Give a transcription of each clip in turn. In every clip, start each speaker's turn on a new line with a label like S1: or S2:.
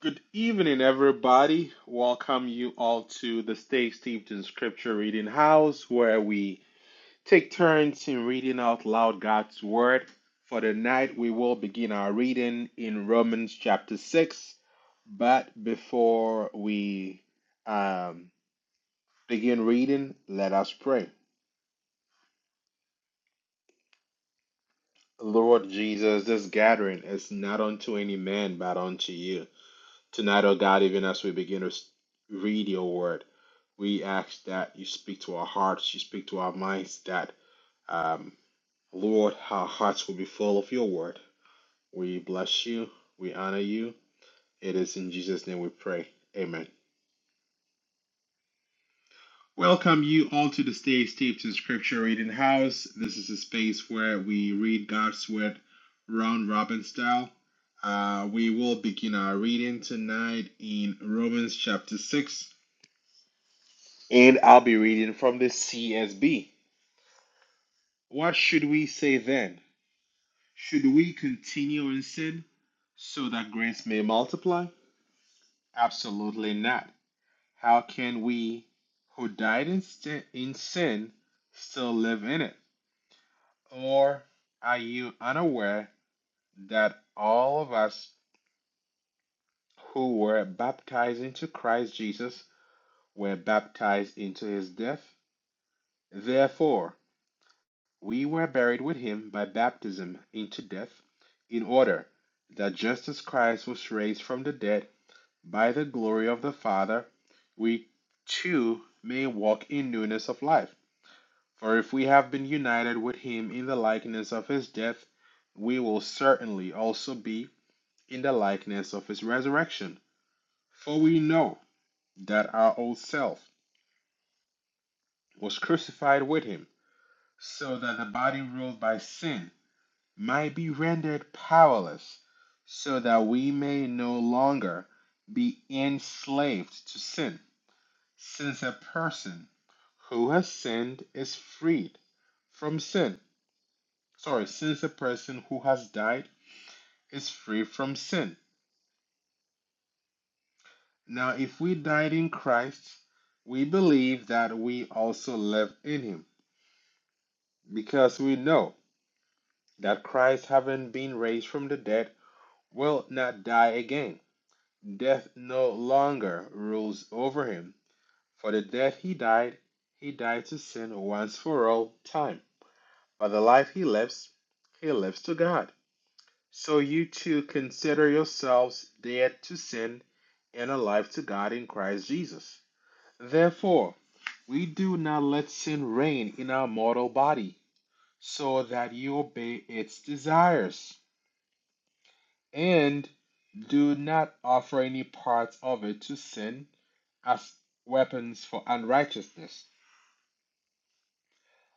S1: Good evening, everybody. Welcome you all to the Stay Steeped in Scripture Reading House, where we take turns in reading out loud God's Word. For the night, we will begin our reading in Romans chapter 6. But before we um, begin reading, let us pray. Lord Jesus, this gathering is not unto any man, but unto you. Tonight, O God, even as we begin to read your word, we ask that you speak to our hearts, you speak to our minds, that, um, Lord, our hearts will be full of your word. We bless you, we honor you. It is in Jesus' name we pray. Amen. Welcome you all to the Stay Steeped in Scripture Reading House. This is a space where we read God's word round robin style. Uh, we will begin our reading tonight in Romans chapter 6 And I'll be reading from the CSB. What should we say then? Should we continue in sin so that grace may multiply? Absolutely not. How can we who died in, st- in sin still live in it? Or are you unaware that all of us who were baptized into Christ Jesus were baptized into his death? Therefore, We were buried with him by baptism into death, in order that just as Christ was raised from the dead by the glory of the Father, we too may walk in newness of life. For if we have been united with him in the likeness of his death, we will certainly also be in the likeness of his resurrection. For we know that our old self was crucified with him, so that the body ruled by sin might be rendered powerless, so that we may no longer be enslaved to sin, since a person who has sinned is freed from sin. Sorry, since a person who has died is free from sin. Now, if we died in Christ, we believe that we also live in him, because we know that Christ, having been raised from the dead, will not die again. Death no longer rules over him. For the death he died, he died to sin once for all time. But the life he lives, he lives to God. So you too consider yourselves dead to sin and alive to God in Christ Jesus. Therefore, we do not let sin reign in our mortal body, so that you obey its desires, and do not offer any parts of it to sin as weapons for unrighteousness,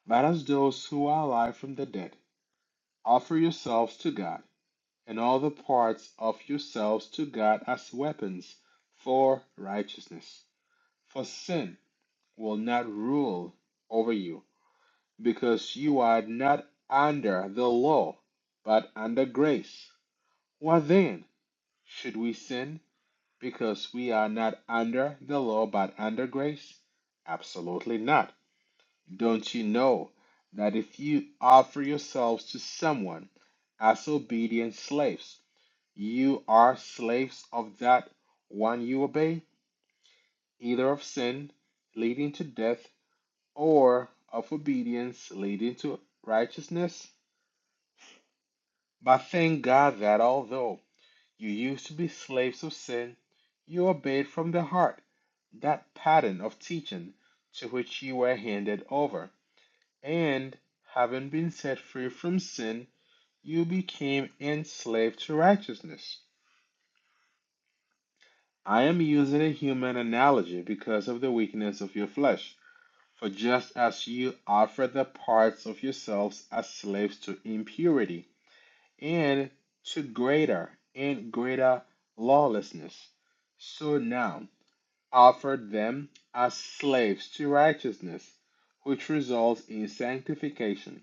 S1: but as those who are alive from the dead. Offer yourselves to God, and all the parts of yourselves to God as weapons for righteousness. For sin will not rule over you, because you are not under the law, but under grace. What then? Should we sin because we are not under the law but under grace? Absolutely not. Don't you know that if you offer yourselves to someone as obedient slaves, you are slaves of that one you obey, either of sin leading to death or of obedience leading to righteousness? But thank God that although you used to be slaves of sin, you obeyed from the heart that pattern of teaching to which you were handed over, and having been set free from sin, You became enslaved to righteousness. I am using a human analogy because of the weakness of your flesh. For just as you offer the parts of yourselves as slaves to impurity and to greater and greater lawlessness, so now offer them as slaves to righteousness, which results in sanctification.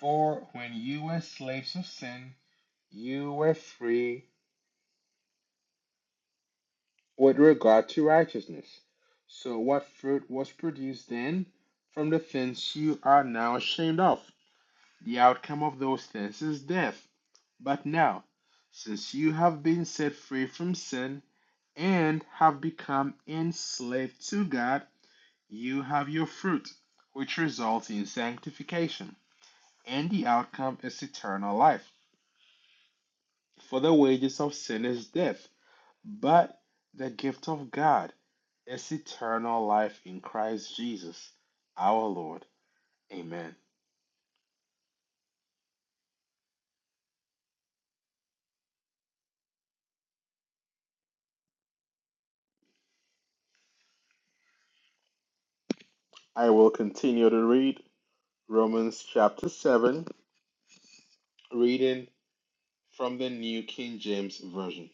S1: For when you were slaves of sin, you were free with regard to righteousness. So what fruit was produced then from the things you are now ashamed of? The outcome of those things is death. But now, since you have been set free from sin and have become enslaved to God, you have your fruit, which results in sanctification, and the outcome is eternal life. For the wages of sin is death, But the gift of God is eternal life in Christ Jesus our Lord. Amen. I will continue to read Romans chapter 7, reading from the New King James Version.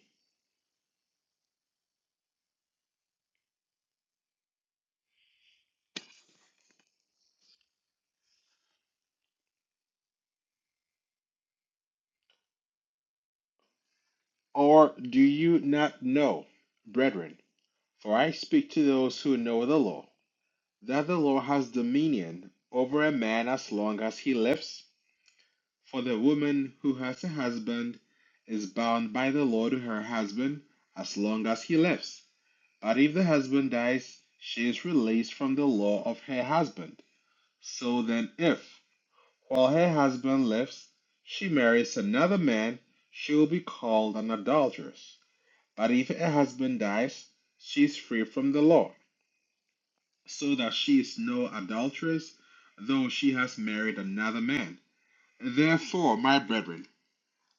S1: Or do you not know, brethren, for I speak to those who know the law, that the law has dominion over a man as long as he lives? For the woman who has a husband is bound by the law to her husband as long as he lives. But if the husband dies, she is released from the law of her husband. So then, if, while her husband lives, she marries another man, she will be called an adulteress. But if her husband dies, she is free from the law, so that she is no adulteress, though she has married another man. Therefore, my brethren,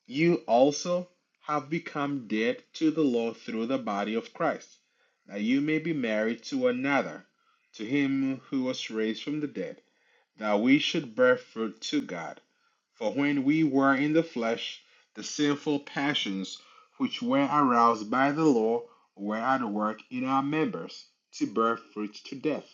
S1: You also have become dead to the law through the body of Christ, that you may be married to another, to him who was raised from the dead, that we should bear fruit to God. For when we were in the flesh, the sinful passions which were aroused by the law were at work in our members to bear fruit to death.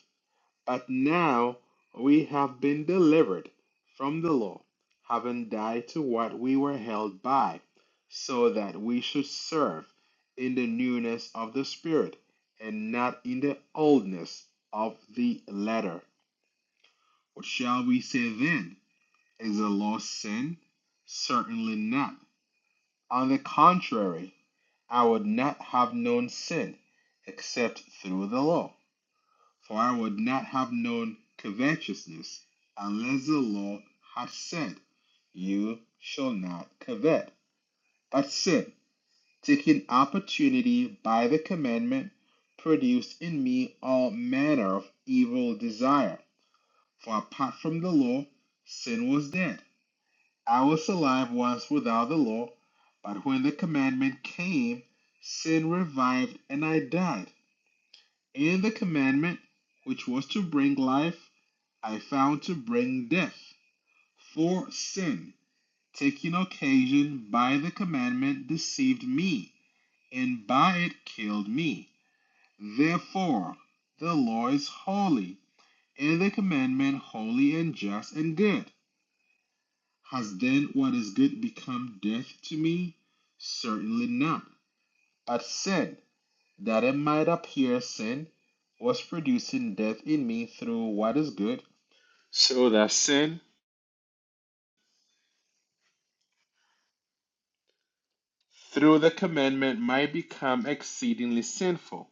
S1: But now we have been delivered from the law, having died to what we were held by, so that we should serve in the newness of the Spirit, and not in the oldness of the letter. What shall we say then? Is the law sin? Certainly not. On the contrary, I would not have known sin except through the law. For I would not have known covetousness unless the law had said, You shall not covet. But sin, taking opportunity by the commandment, produced in me all manner of evil desire. For apart from the law, sin was dead. I was alive once without the law, but when the commandment came, sin revived and I died. In the commandment, which was to bring life, I found to bring death. For sin, taking occasion by the commandment, deceived me, and by it killed me. Therefore, the law is holy, and the commandment holy and just and good. Has then what is good become death to me? Certainly not. But sin, that it might appear sin, was producing death in me through what is good, so that sin through the commandment might become exceedingly sinful.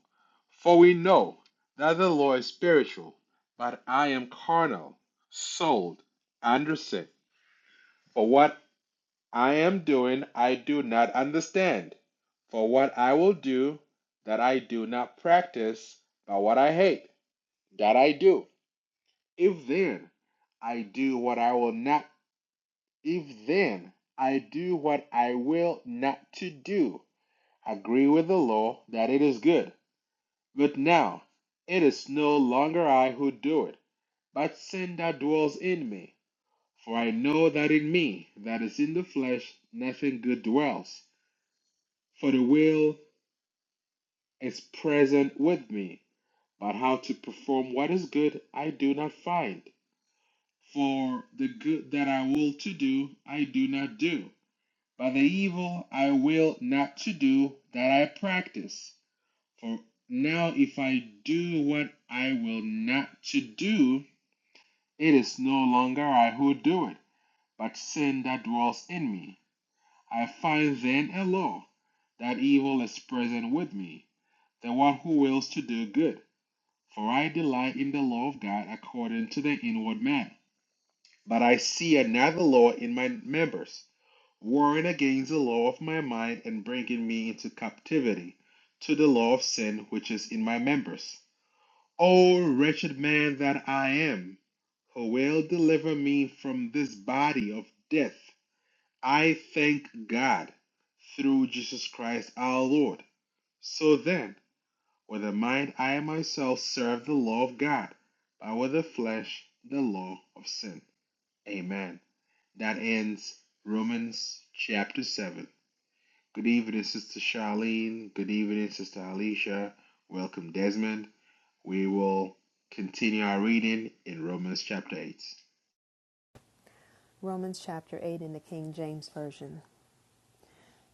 S1: For we know that the law is spiritual, but I am carnal, sold under sin. For what I am doing, I do not understand. For what I will do, that I do not practice, but what I hate, that I do. If then I do what I will not, if then I do what I will not to do, agree with the law that it is good. But now it is no longer I who do it, but sin that dwells in me. For I know that in me, that is in the flesh, nothing good dwells. For the will is present with me, but how to perform what is good I do not find. For the good that I will to do, I do not do, but the evil I will not to do, that I practice. For now, if I do what I will not to do, it is no longer I who do it, but sin that dwells in me. I find then a law, that evil is present with me, the one who wills to do good. For I delight in the law of God according to the inward man. But I see another law in my members, warring against the law of my mind and bringing me into captivity to the law of sin which is in my members. O wretched man that I am, who will deliver me from this body of death? I thank God through Jesus Christ our Lord. So then, with the mind I myself serve the law of God, but with the flesh the law of sin. Amen. That ends Romans chapter 7. Good evening, Sister Charlene. Good evening, Sister Alicia. Welcome, Desmond. We will continue our reading in Romans chapter 8.
S2: Romans chapter 8 in the King James Version.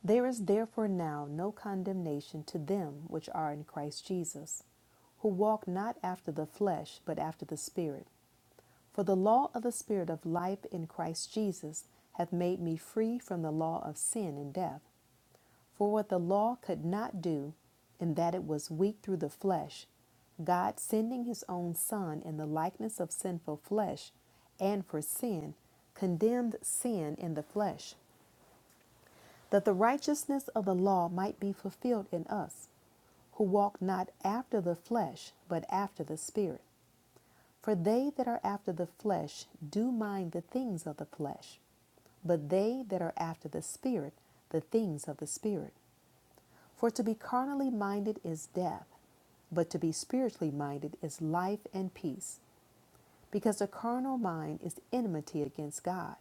S2: There is therefore now no condemnation to them which are in Christ Jesus, who walk not after the flesh, but after the Spirit. For the law of the Spirit of life in Christ Jesus hath made me free from the law of sin and death. For what the law could not do, in that it was weak through the flesh, God sending his own Son in the likeness of sinful flesh, and for sin, condemned sin in the flesh that the righteousness of the law might be fulfilled in us, who walk not after the flesh, but after the Spirit. For they that are after the flesh do mind the things of the flesh, but they that are after the Spirit, the things of the Spirit. For to be carnally minded is death, but to be spiritually minded is life and peace, because the carnal mind is enmity against God.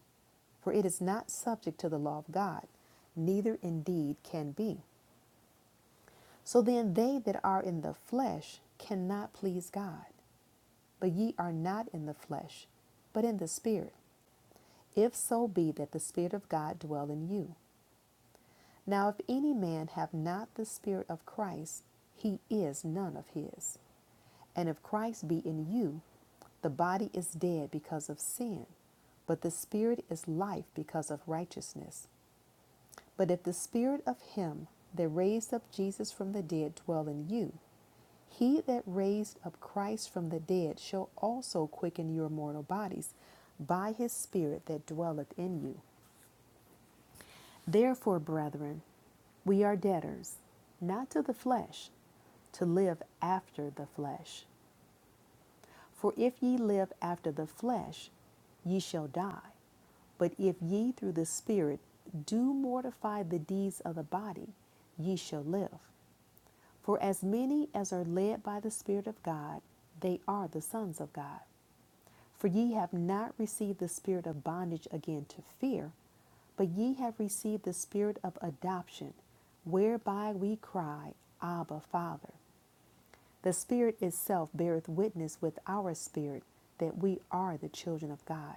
S2: For it is not subject to the law of God, neither indeed can be. So then they that are in the flesh cannot please God. But ye are not in the flesh, but in the Spirit, if so be that the Spirit of God dwell in you. Now if any man have not the Spirit of Christ, he is none of his. And if Christ be in you, the body is dead because of sin, but the Spirit is life because of righteousness. But if the spirit of him that raised up Jesus from the dead dwell in you, he that raised up Christ from the dead shall also quicken your mortal bodies by his Spirit that dwelleth in you. Therefore, brethren, we are debtors, not to the flesh, to live after the flesh. For if ye live after the flesh, ye shall die. But if ye through the Spirit do mortify the deeds of the body, ye shall live. For as many as are led by the Spirit of God, they are the sons of God. For ye have not received the spirit of bondage again to fear, but ye have received the spirit of adoption, whereby we cry, Abba, Father. The Spirit itself beareth witness with our spirit that we are the children of God.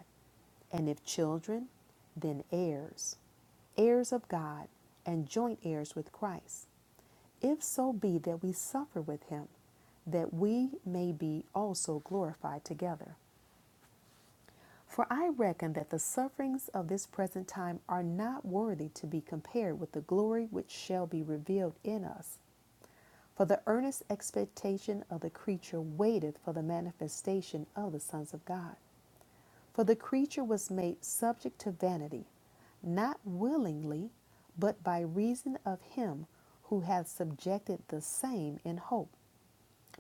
S2: And if children, then heirs, heirs of God, and joint heirs with Christ, if so be that we suffer with him, that we may be also glorified together. For I reckon that the sufferings of this present time are not worthy to be compared with the glory which shall be revealed in us. For the earnest expectation of the creature waiteth for the manifestation of the sons of God. For the creature was made subject to vanity, not willingly, but by reason of him who hath subjected the same in hope,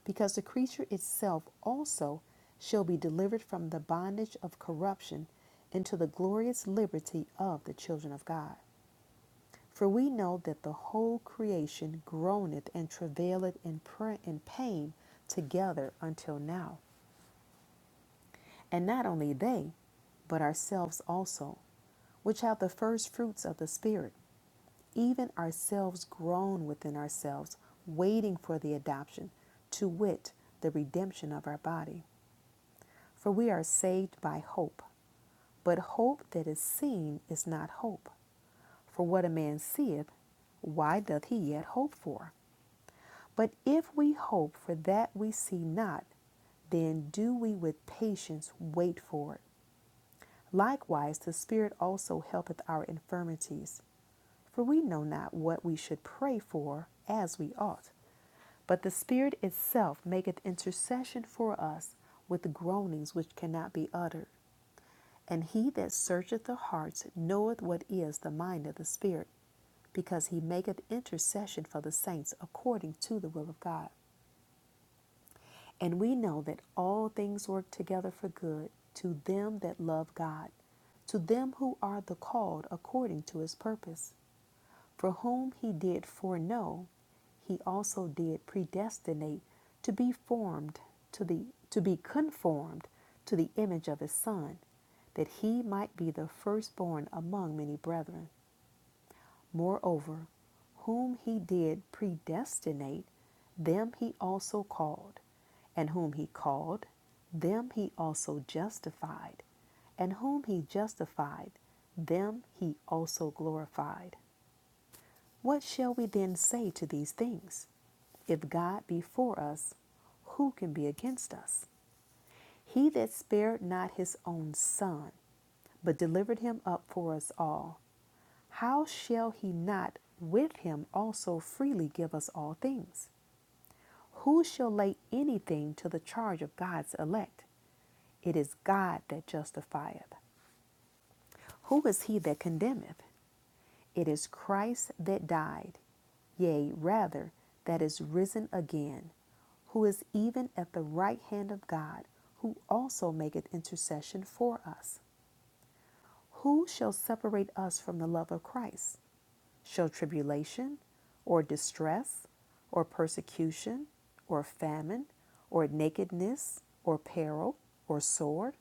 S2: because the creature itself also shall be delivered from the bondage of corruption into the glorious liberty of the children of God. For we know that the whole creation groaneth and travaileth in, pra- in pain together until now. And not only they, but ourselves also, which have the first fruits of the Spirit, even ourselves groan within ourselves, waiting for the adoption, to wit, the redemption of our body. For we are saved by hope. But hope that is seen is not hope. For what a man seeth, why doth he yet hope for? But if we hope for that we see not, then do we with patience wait for it. Likewise, the Spirit also helpeth our infirmities. For we know not what we should pray for as we ought. But the Spirit itself maketh intercession for us with groanings which cannot be uttered. And he that searcheth the hearts knoweth what is the mind of the Spirit, because he maketh intercession for the saints according to the will of God. And we know that all things work together for good to them that love God, to them who are the called according to his purpose, for whom he did foreknow, he also did predestinate to be formed to the to be conformed to the image of his son, that he might be the firstborn among many brethren. Moreover, whom he did predestinate, them he also called. And whom he called, them he also justified. And whom he justified, them he also glorified. What shall we then say to these things? If God be for us, who can be against us? He that spared not his own son, but delivered him up for us all, how shall he not with him also freely give us all things? Who shall lay anything to the charge of God's elect? It is God that justifieth. Who is he that condemneth? It is Christ that died, yea, rather, that is risen again, who is even at the right hand of God, who also maketh intercession for us. Who shall separate us from the love of Christ? Shall tribulation, or distress, or persecution, or famine, or nakedness, or peril, or sword?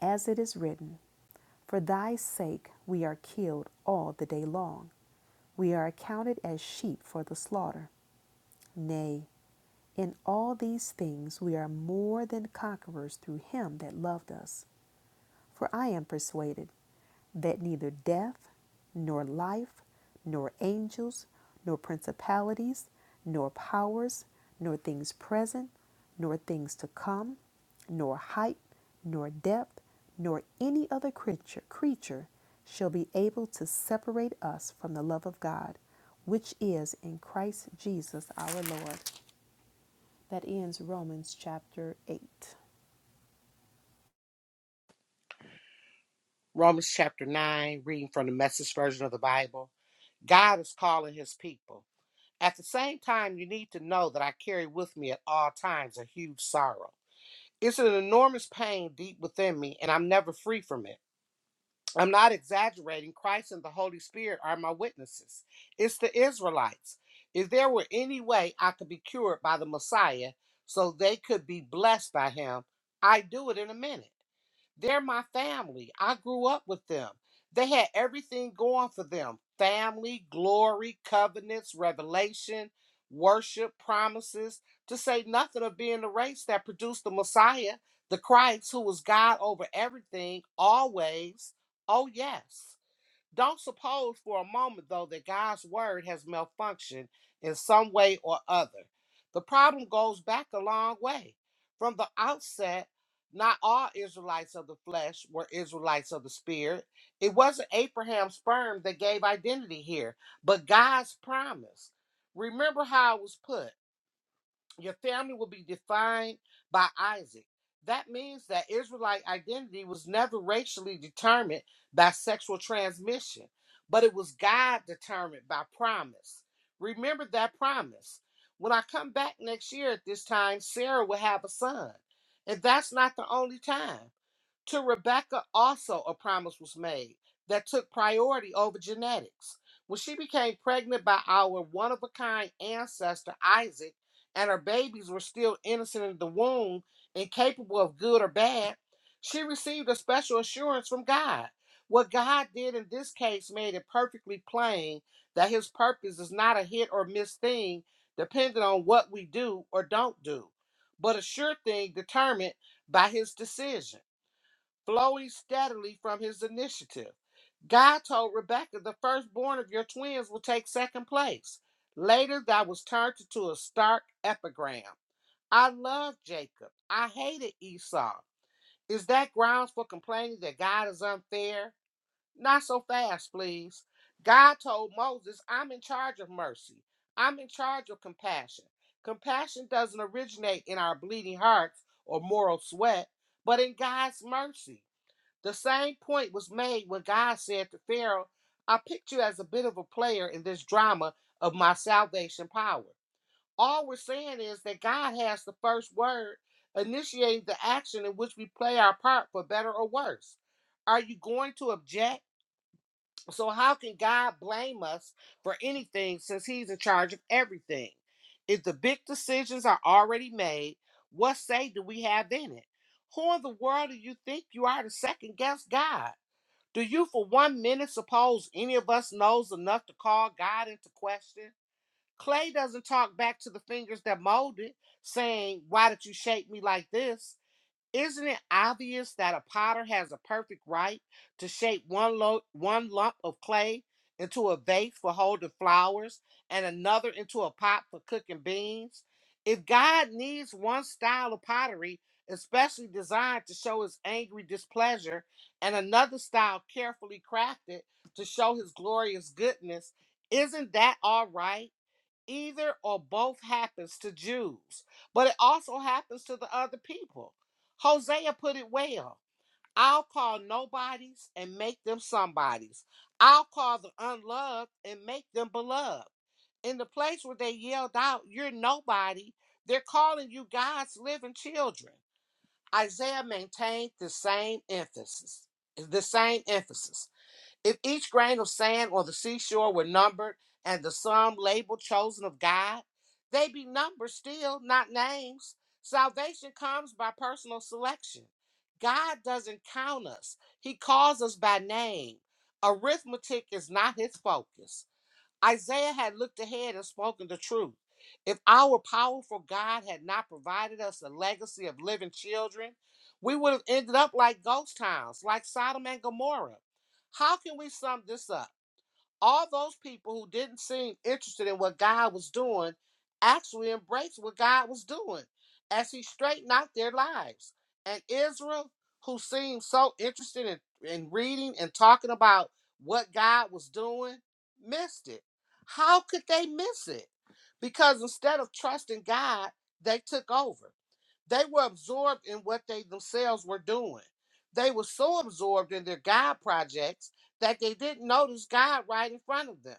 S2: As it is written, For thy sake we are killed all the day long. We are accounted as sheep for the slaughter. Nay, in all these things we are more than conquerors through him that loved us. For I am persuaded that neither death, nor life, nor angels, nor principalities, nor powers, nor things present, nor things to come, nor height, nor depth, nor any other creature, creature shall be able to separate us from the love of God, which is in Christ Jesus our Lord. That ends Romans chapter 8.
S3: Romans chapter 9, reading from the message version of the Bible. God is calling his people. At the same time, you need to know that I carry with me at all times a huge sorrow. It's an enormous pain deep within me, and I'm never free from it. I'm not exaggerating. Christ and the Holy Spirit are my witnesses. It's the Israelites. If there were any way I could be cured by the Messiah so they could be blessed by him, I'd do it in a minute. They're my family. I grew up with them. They had everything going for them family, glory, covenants, revelation, worship, promises, to say nothing of being the race that produced the Messiah, the Christ, who was God over everything, always. Oh, yes. Don't suppose for a moment, though, that God's word has malfunctioned in some way or other. The problem goes back a long way. From the outset, not all Israelites of the flesh were Israelites of the spirit. It wasn't Abraham's sperm that gave identity here, but God's promise. Remember how it was put. Your family will be defined by Isaac. That means that Israelite identity was never racially determined by sexual transmission, but it was God determined by promise. Remember that promise. When I come back next year at this time, Sarah will have a son. And that's not the only time. To Rebecca, also a promise was made that took priority over genetics. When she became pregnant by our one of a kind ancestor, Isaac, and her babies were still innocent in the womb, incapable of good or bad, she received a special assurance from God. What God did in this case made it perfectly plain that his purpose is not a hit or miss thing dependent on what we do or don't do, but a sure thing determined by his decision flowing steadily from his initiative. God told Rebekah, the firstborn of your twins will take second place. Later, that was turned into a stark epigram. I loved Jacob. I hated Esau. Is that grounds for complaining that God is unfair? Not so fast, please. God told Moses, I'm in charge of mercy. I'm in charge of compassion. Compassion doesn't originate in our bleeding hearts or moral sweat, but in God's mercy. The same point was made when God said to Pharaoh, I picked you as a bit of a player in this drama of my salvation power. All we're saying is that God has the first word, initiating the action in which we play our part for better or worse. Are you going to object? So, how can God blame us for anything since He's in charge of everything? If the big decisions are already made, what say do we have in it? Who in the world do you think you are to second guess God? Do you for one minute suppose any of us knows enough to call God into question? Clay doesn't talk back to the fingers that molded, saying, Why did you shape me like this? Isn't it obvious that a potter has a perfect right to shape one, lo- one lump of clay into a vase for holding flowers and another into a pot for cooking beans? If God needs one style of pottery, especially designed to show his angry displeasure, and another style carefully crafted to show his glorious goodness, isn't that all right? Either or both happens to Jews, but it also happens to the other people. Hosea put it well I'll call nobodies and make them somebodies. I'll call the unloved and make them beloved. In the place where they yelled out, You're nobody, they're calling you God's living children. Isaiah maintained the same emphasis. The same emphasis. If each grain of sand on the seashore were numbered and the sum labeled chosen of God, they be numbered still, not names. Salvation comes by personal selection. God doesn't count us, He calls us by name. Arithmetic is not His focus. Isaiah had looked ahead and spoken the truth. If our powerful God had not provided us a legacy of living children, we would have ended up like ghost towns, like Sodom and Gomorrah. How can we sum this up? all those people who didn't seem interested in what God was doing actually embraced what God was doing as he straightened out their lives. And Israel, who seemed so interested in, in reading and talking about what God was doing, missed it. How could they miss it? Because instead of trusting God, they took over. They were absorbed in what they themselves were doing. They were so absorbed in their God projects that they didn't notice God right in front of them,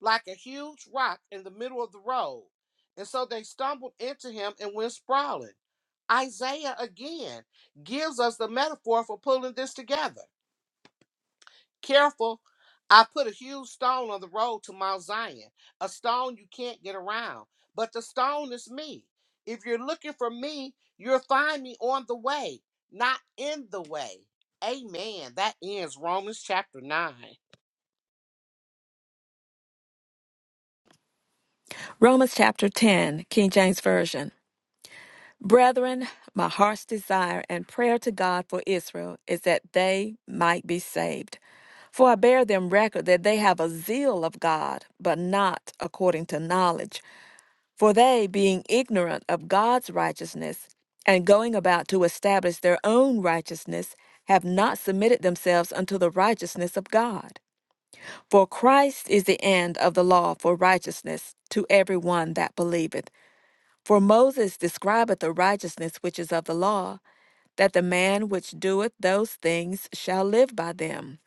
S3: like a huge rock in the middle of the road. And so they stumbled into him and went sprawling. Isaiah again gives us the metaphor for pulling this together. Careful, I put a huge stone on the road to Mount Zion, a stone you can't get around. But the stone is me. If you're looking for me, you'll find me on the way, not in the way. Amen. That ends Romans chapter 9.
S4: Romans chapter 10, King James Version. Brethren, my heart's desire and prayer to God for Israel is that they might be saved. For I bear them record that they have a zeal of God, but not according to knowledge. For they, being ignorant of God's righteousness, and going about to establish their own righteousness, have not submitted themselves unto the righteousness of God. For Christ is the end of the law for righteousness to every one that believeth. For Moses describeth the righteousness which is of the law, that the man which doeth those things shall live by them.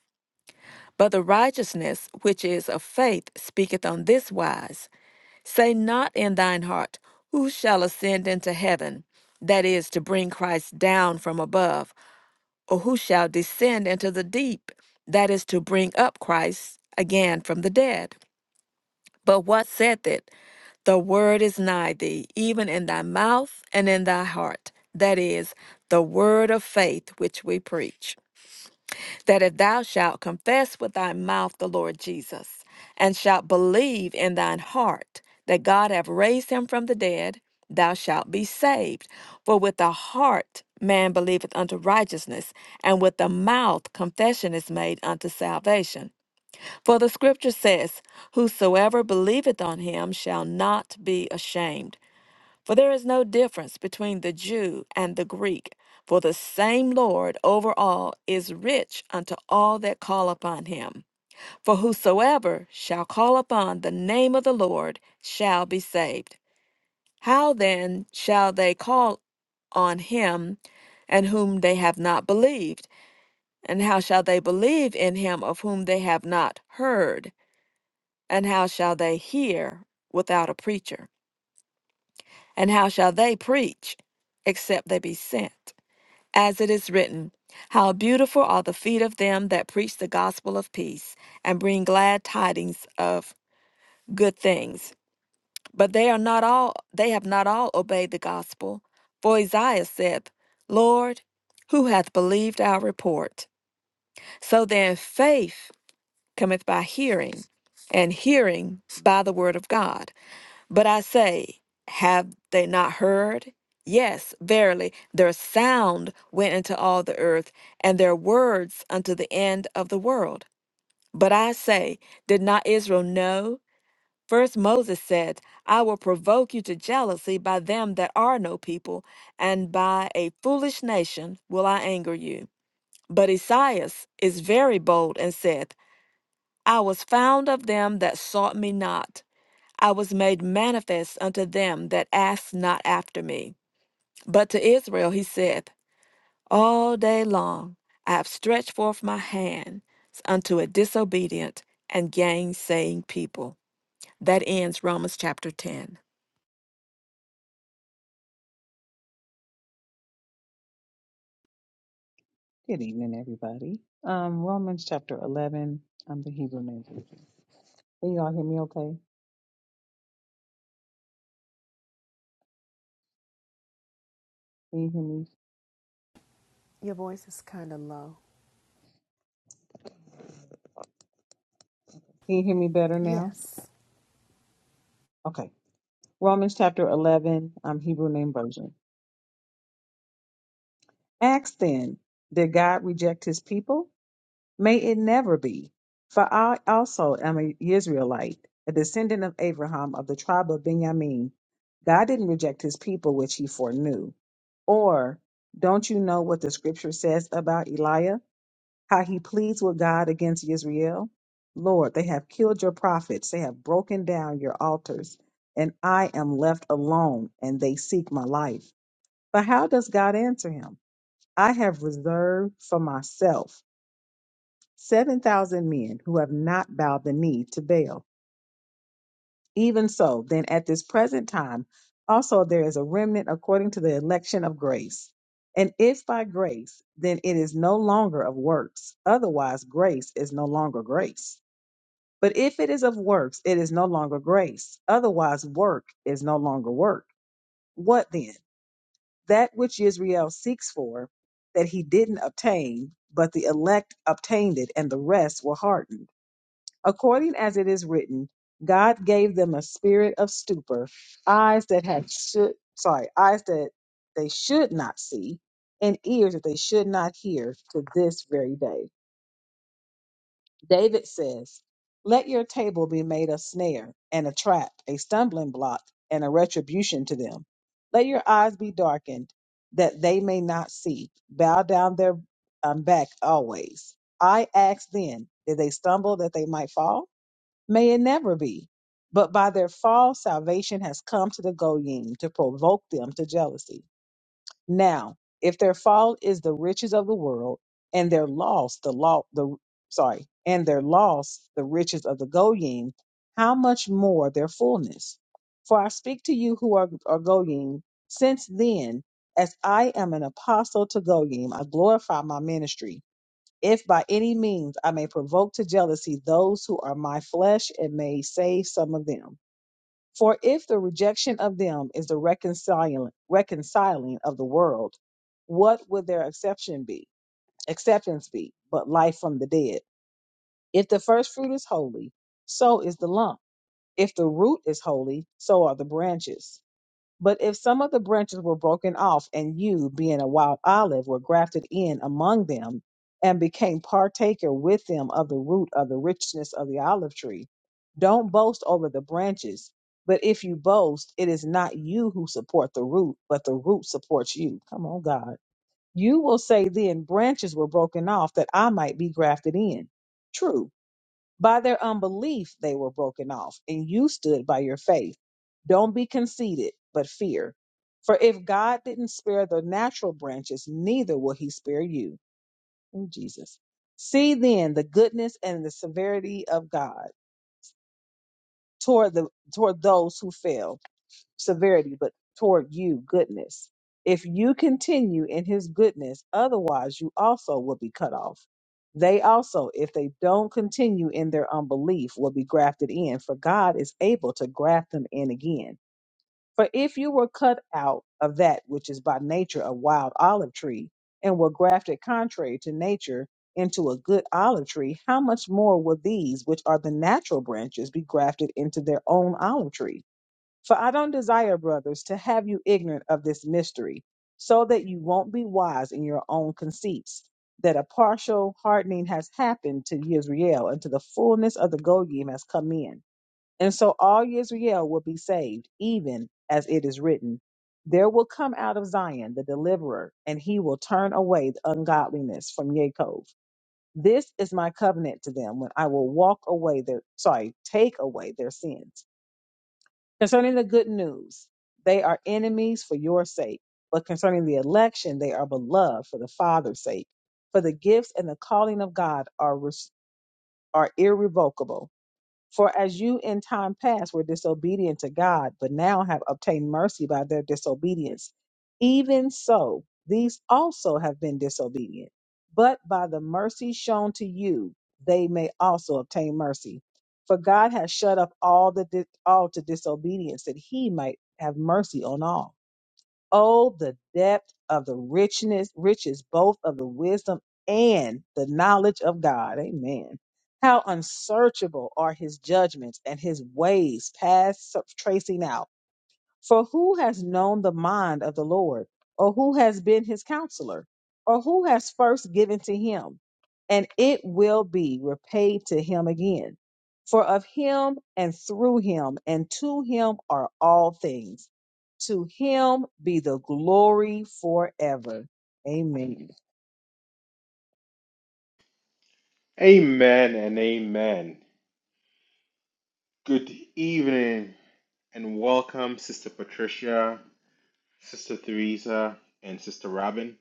S4: But the righteousness which is of faith speaketh on this wise Say not in thine heart, Who shall ascend into heaven? That is, to bring Christ down from above, or who shall descend into the deep? That is, to bring up Christ again from the dead. But what saith it? The word is nigh thee, even in thy mouth and in thy heart. That is the word of faith which we preach. That if thou shalt confess with thy mouth the Lord Jesus, and shalt believe in thine heart that God hath raised him from the dead, thou shalt be saved. For with the heart man believeth unto righteousness, and with the mouth confession is made unto salvation. For the scripture says, Whosoever believeth on him shall not be ashamed. For there is no difference between the Jew and the Greek, for the same Lord over all is rich unto all that call upon him. For whosoever shall call upon the name of the Lord shall be saved. How then shall they call on him and whom they have not believed? And how shall they believe in him of whom they have not heard? And how shall they hear without a preacher? And how shall they preach except they be sent? As it is written, How beautiful are the feet of them that preach the gospel of peace and bring glad tidings of good things. But they are not all they have not all obeyed the gospel. For Isaiah saith, Lord, who hath believed our report? So then faith cometh by hearing, and hearing by the word of God. But I say, have they not heard? Yes, verily, their sound went into all the earth, and their words unto the end of the world. But I say, did not Israel know? First Moses said, I will provoke you to jealousy by them that are no people, and by a foolish nation will I anger you. But Esaias is very bold and saith, I was found of them that sought me not. I was made manifest unto them that asked not after me. But to Israel he saith, All day long I have stretched forth my hand unto a disobedient and gainsaying people. That ends Romans chapter 10.
S5: Good evening, everybody. Um, Romans chapter 11, I'm the Hebrew name. Can y'all hear me okay? Can you hear me?
S2: Your voice is kind of low.
S5: Can you hear me better now?
S2: Yes.
S5: Okay. Romans chapter 11, i I'm Hebrew name version. Ask then, did God reject his people? May it never be. For I also am an Israelite, a descendant of Abraham of the tribe of Benjamin. God didn't reject his people, which he foreknew. Or don't you know what the scripture says about Eliah? how he pleads with God against Israel. Lord, they have killed your prophets, they have broken down your altars, and I am left alone, and they seek my life. But how does God answer him? I have reserved for myself 7,000 men who have not bowed the knee to Baal. Even so, then at this present time, also there is a remnant according to the election of grace. And if by grace, then it is no longer of works. Otherwise, grace is no longer grace. But if it is of works, it is no longer grace. Otherwise, work is no longer work. What then? That which Israel seeks for, that he didn't obtain, but the elect obtained it, and the rest were hardened. According as it is written, God gave them a spirit of stupor, eyes that had should sorry, eyes that they should not see, and ears that they should not hear to this very day. David says, Let your table be made a snare and a trap, a stumbling block and a retribution to them. Let your eyes be darkened that they may not see. Bow down their um, back always. I asked then, Did they stumble that they might fall? May it never be. But by their fall, salvation has come to the Goyim to provoke them to jealousy now, if their fall is the riches of the world, and their loss the law the sorry, and their loss the riches of the Goyim, how much more their fullness? For I speak to you who are, are Goyim, since then, as I am an apostle to Goyim, I glorify my ministry. If by any means I may provoke to jealousy those who are my flesh and may save some of them. For if the rejection of them is the reconciling, reconciling of the world, what would their exception be? Acceptance be, but life from the dead. If the first fruit is holy, so is the lump. If the root is holy, so are the branches. But if some of the branches were broken off, and you, being a wild olive, were grafted in among them, and became partaker with them of the root of the richness of the olive tree, don't boast over the branches. But if you boast, it is not you who support the root, but the root supports you. Come on, God. You will say, Then branches were broken off that I might be grafted in. True by their unbelief, they were broken off, and you stood by your faith. Don't be conceited, but fear. For if God didn't spare the natural branches, neither will he spare you. Ooh, Jesus. See then the goodness and the severity of God toward the toward those who fell severity, but toward you goodness. If you continue in his goodness, otherwise you also will be cut off. They also, if they don't continue in their unbelief, will be grafted in, for God is able to graft them in again. For if you were cut out of that which is by nature a wild olive tree, and were grafted contrary to nature into a good olive tree, how much more will these, which are the natural branches, be grafted into their own olive tree? For I don't desire, brothers, to have you ignorant of this mystery, so that you won't be wise in your own conceits, that a partial hardening has happened to Yisrael until the fullness of the Goyim has come in. And so all Yisrael will be saved, even as it is written, There will come out of Zion the deliverer, and he will turn away the ungodliness from Jacob. This is my covenant to them when I will walk away their sorry, take away their sins. Concerning the good news, they are enemies for your sake, but concerning the election, they are beloved for the Father's sake. For the gifts and the calling of God are, res- are irrevocable. For as you in time past were disobedient to God, but now have obtained mercy by their disobedience, even so these also have been disobedient. But by the mercy shown to you, they may also obtain mercy. For God has shut up all the di- all to disobedience, that He might have mercy on all. Oh, the depth of the richness, riches both of the wisdom and the knowledge of God. Amen. How unsearchable are his judgments and his ways past sur- tracing out. For who has known the mind of the Lord, or who has been his counselor, or who has first given to him, and it will be repaid to him again? For of him and through him and to him are all things. To him be the glory forever. Amen.
S1: Amen and amen. Good evening and welcome, Sister Patricia, Sister Theresa, and Sister Robin.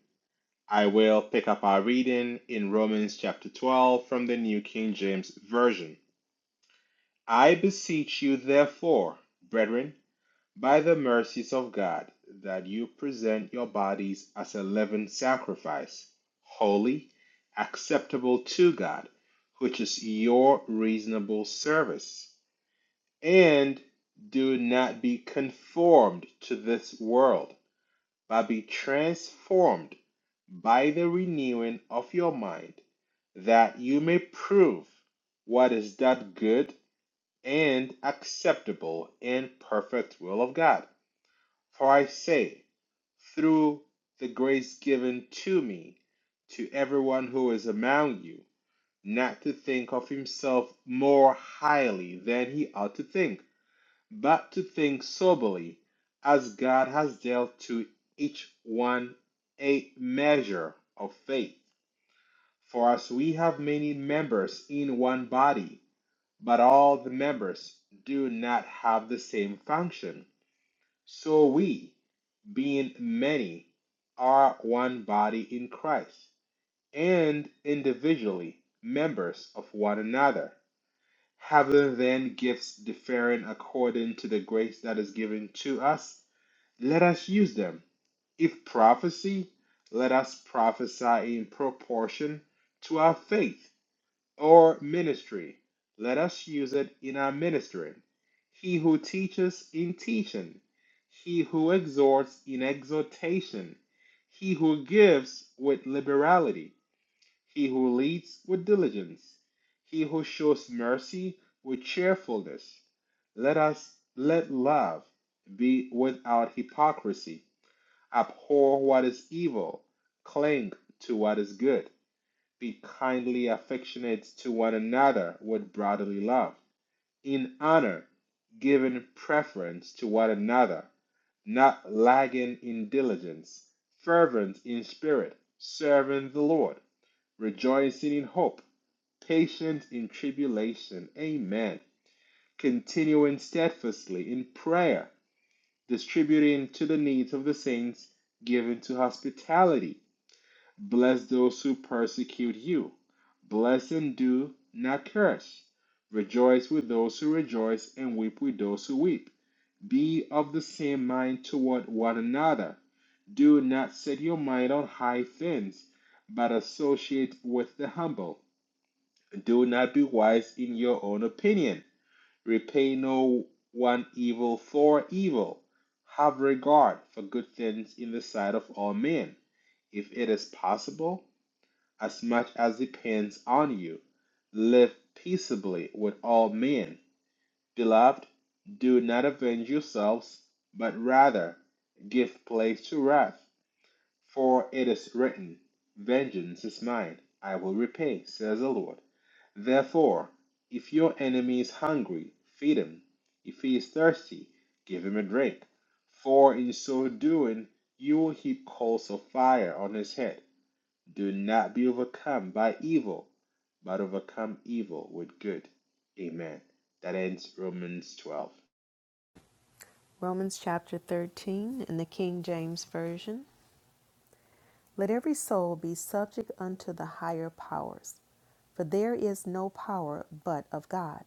S1: I will pick up our reading in Romans chapter 12 from the New King James Version. I beseech you, therefore, brethren, by the mercies of God, that you present your bodies as a living sacrifice, holy, acceptable to God, which is your reasonable service. And do not be conformed to this world, but be transformed by the renewing of your mind, that you may prove what is that good and acceptable and perfect will of God. For I say, through the grace given to me, to everyone who is among you, not to think of himself more highly than he ought to think, but to think soberly, as God has dealt to each one a measure of faith. For as we have many members in one body, but all the members do not have the same function, so we being many, are one body in Christ, and individually members of one another, having then gifts differing according to the grace that is given to us, let us use them. If prophecy, let us prophesy in proportion to our faith or ministry. Let us use it in our ministering. He who teaches in teaching, he who exhorts in exhortation, he who gives with liberality, he who leads with diligence, he who shows mercy with cheerfulness. Let us let love be without hypocrisy. Abhor what is evil, cling to what is good. Be kindly affectionate to one another with brotherly love. In honor, giving preference to one another, not lagging in diligence, fervent in spirit, serving the Lord, rejoicing in hope, patient in tribulation. Amen. Continuing steadfastly in prayer, distributing to the needs of the saints, giving to hospitality Bless those who persecute you. Bless and do not curse. Rejoice with those who rejoice and weep with those who weep. Be of the same mind toward one another. Do not set your mind on high things, but associate with the humble. Do not be wise in your own opinion. Repay no one evil for evil. Have regard for good things in the sight of all men if it is possible, as much as depends on you. Live peaceably with all men. Beloved, do not avenge yourselves, but rather give place to wrath. For it is written, Vengeance is mine, I will repay, says the Lord. Therefore, if your enemy is hungry, feed him. If he is thirsty, give him a drink. For in so doing, you will heap coals of fire on his head. Do not be overcome by evil, but overcome evil with good. Amen. That ends Romans 12.
S2: Romans chapter 13 in the King James Version. Let every soul be subject unto the higher powers, for there is no power but of God.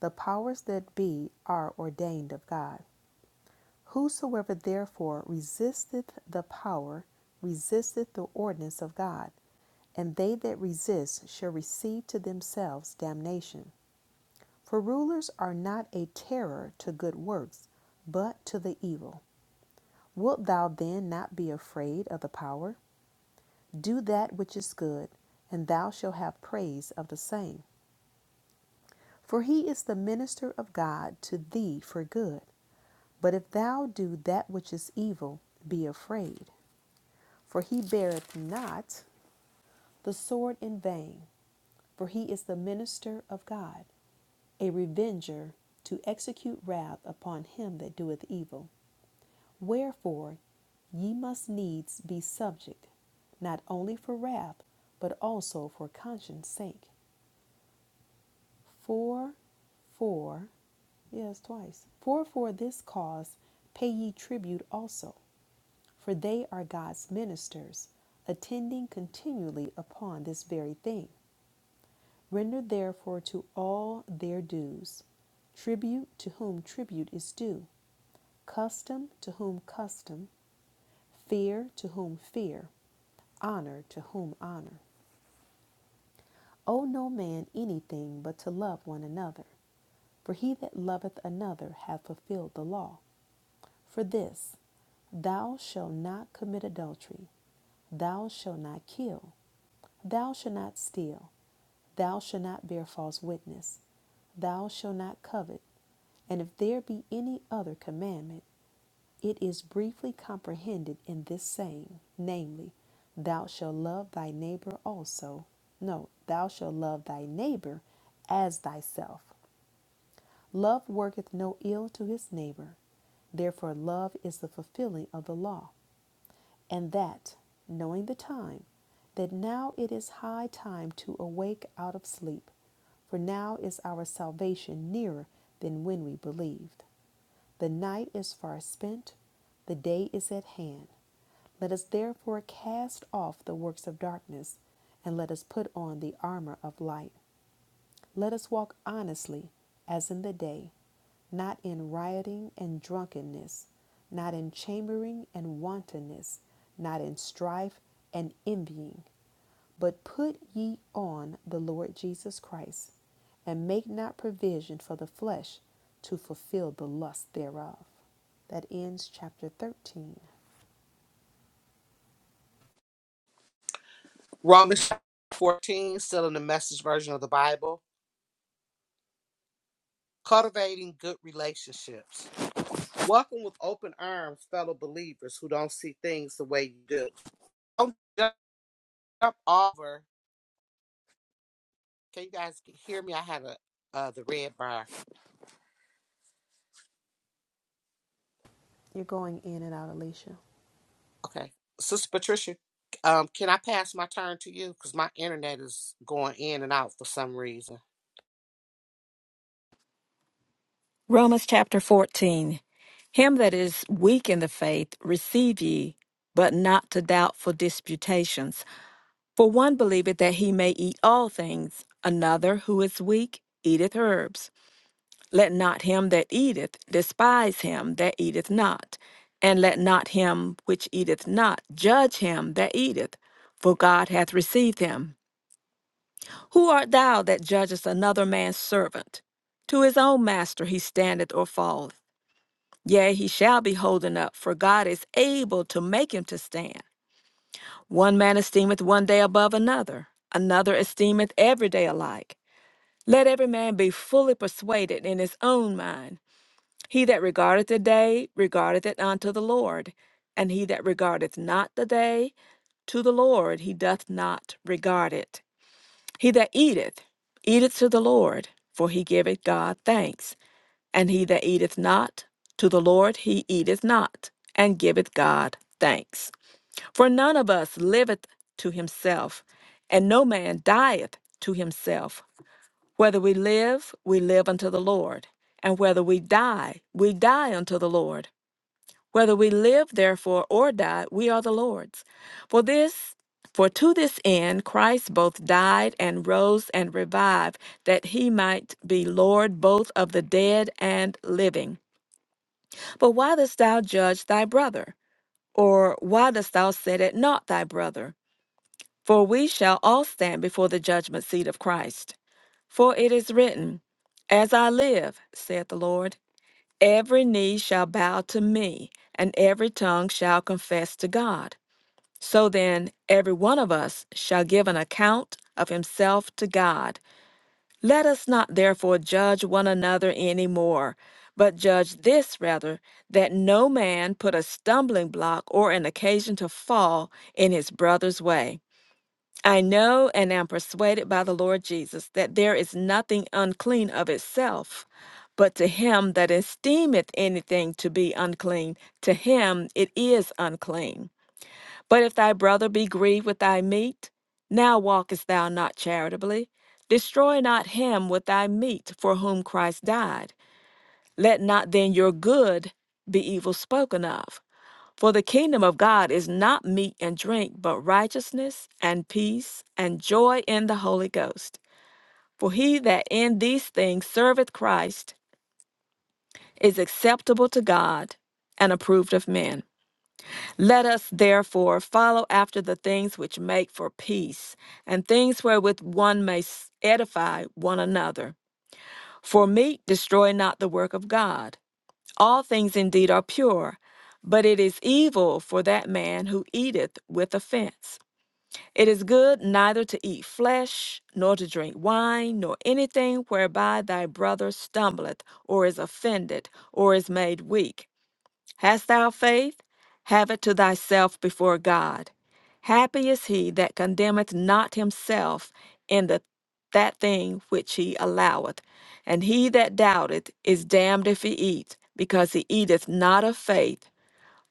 S2: The powers that be are ordained of God. Whosoever therefore resisteth the power, resisteth the ordinance of God, and they that resist shall receive to themselves damnation. For rulers are not a terror to good works, but to the evil. Wilt thou then not be afraid of the power? Do that which is good, and thou shalt have praise of the same. For he is the minister of God to thee for good. But if thou do that which is evil, be afraid. For he beareth not the sword in vain, for he is the minister of God, a revenger to execute wrath upon him that doeth evil. Wherefore ye must needs be subject, not only for wrath, but also for conscience sake. For, for, yes, twice. For, for this cause pay ye tribute also, for they are God's ministers, attending continually upon this very thing. Render therefore to all their dues tribute to whom tribute is due, custom to whom custom Fear to whom fear, honor to whom honor. Owe no man anything but to love one another, for he that loveth another hath fulfilled the law. For this, thou shalt not commit adultery, thou shalt not kill, thou shalt not steal, Thou shalt not bear false witness. Thou shalt not covet. And if there be any other commandment, it is briefly comprehended in this saying, namely, Thou shalt love thy neighbor also. No, thou shalt love thy neighbor as thyself. Love worketh no ill to his neighbor. Therefore, love is the fulfilling of the law and that, knowing the time, that now it is high time to awake out of sleep, for now is our salvation nearer than when we believed. The night is far spent, the day is at hand. Let us therefore cast off the works of darkness, and let us put on the armor of light. Let us walk honestly as in the day, not in rioting and drunkenness, not in chambering and wantonness, not in strife and envying, but put ye on the Lord Jesus Christ, and make not provision for the flesh to fulfill the lust thereof. That ends chapter 13.
S3: Romans 14, still in the message version of the Bible, cultivating good relationships. Welcome with open arms, fellow believers who don't see things the way you do. Don't jump over. Can you guys hear me? I have a uh, the red bar.
S2: You're going in and out, Alicia.
S3: Okay, Sister Patricia, um, can I pass my turn to you? Because my internet is going in and out for some reason.
S4: Romans chapter 14. Him that is weak in the faith receive ye, but not to doubtful disputations. For one believeth that he may eat all things, another who is weak eateth herbs. Let not him that eateth despise him that eateth not, and let not him which eateth not judge him that eateth, for God hath received him. Who art thou that judgest another man's servant? To his own master he standeth or falleth. Yea, he shall be holden up, for God is able to make him to stand. One man esteemeth one day above another, another esteemeth every day alike. Let every man be fully persuaded in his own mind. He that regardeth the day regardeth it unto the Lord, and he that regardeth not the day to the Lord he doth not regard it. He that eateth, eateth to the Lord, for he giveth God thanks. And he that eateth not, to the Lord he eateth not, and giveth God thanks. For none of us liveth to himself, and no man dieth to himself. Whether we live, we live unto the Lord, and whether we die, we die unto the Lord. Whether we live, therefore, or die, we are the Lord's. For this, for to this end Christ both died and rose and revived, that he might be Lord both of the dead and living. But why dost thou judge thy brother? Or why dost thou set at naught thy brother? For we shall all stand before the judgment seat of Christ. For it is written, As I live, saith the Lord. Every knee shall bow to me, and every tongue shall confess to God. So then, every one of us shall give an account of himself to God. Let us not therefore judge one another any more, but judge this rather, that no man put a stumbling block or an occasion to fall in his brother's way. I know and am persuaded by the Lord Jesus that there is nothing unclean of itself, but to him that esteemeth anything to be unclean, to him it is unclean. But if thy brother be grieved with thy meat, now walkest thou not charitably. Destroy not him with thy meat for whom Christ died. Let not then your good be evil spoken of. For the kingdom of God is not meat and drink, but righteousness and peace and joy in the Holy Ghost. For he that in these things serveth Christ is acceptable to God and approved of men. Let us therefore follow after the things which make for peace, and things wherewith one may s- edify one another. For meat destroy not the work of God. All things indeed are pure, but it is evil for that man who eateth with offense. It is good neither to eat flesh, nor to drink wine, nor anything whereby thy brother stumbleth, or is offended, or is made weak. Hast thou faith? Have it to thyself before God. Happy is he that condemneth not himself in the that thing which he alloweth. And he that doubteth is damned if he eat, because he eateth not of faith.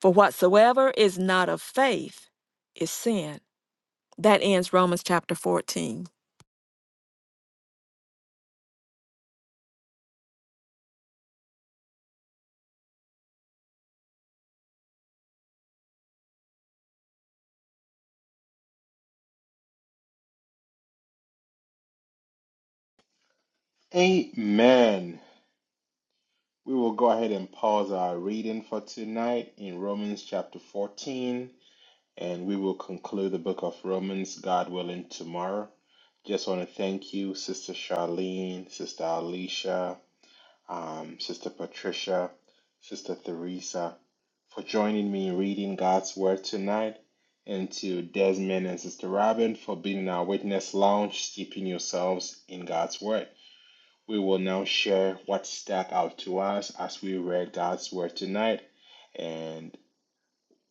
S4: For whatsoever is not of faith is sin. That ends Romans chapter 14.
S1: Amen. We will go ahead and pause our reading for tonight in Romans chapter 14, and we will conclude the book of Romans, God willing, tomorrow. Just want to thank you, Sister Charlene, Sister Alicia, um, Sister Patricia, Sister Theresa, for joining me in reading God's Word tonight, and to Desmond and Sister Robin for being in our witness lounge, steeping yourselves in God's Word. We will now share what stuck out to us as we read God's Word tonight. And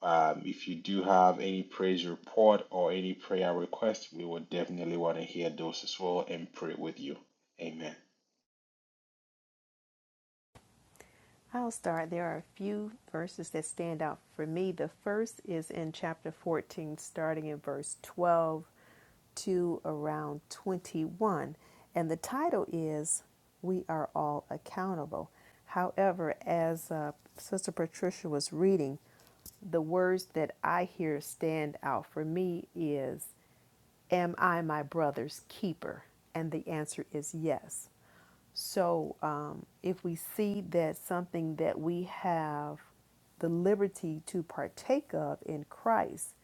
S1: um, if you do have any praise report or any prayer request, we will definitely want to hear those as well and pray with you. Amen.
S2: I'll start. There are a few verses that stand out for me. The first is in chapter 14, starting in verse 12 to around 21. And the title is We Are All Accountable. However, as uh, Sister Patricia was reading, the words that I hear stand out for me is Am I my brother's keeper? And the answer is yes. So um, if we see that something that we have the liberty to partake of in Christ,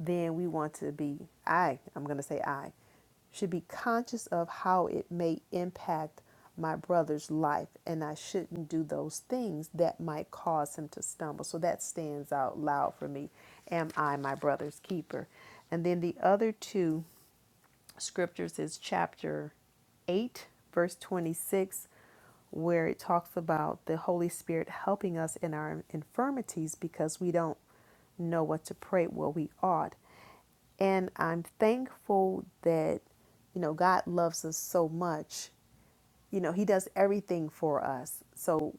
S2: then we want to be, I, I'm going to say I, should be conscious of how it may impact my brother's life, and I shouldn't do those things that might cause him to stumble. So that stands out loud for me. Am I my brother's keeper? And then the other two scriptures is chapter 8, verse 26, where it talks about the Holy Spirit helping us in our infirmities because we don't know what to pray what we ought. And I'm thankful that, you know, God loves us so much you know, he does everything for us. So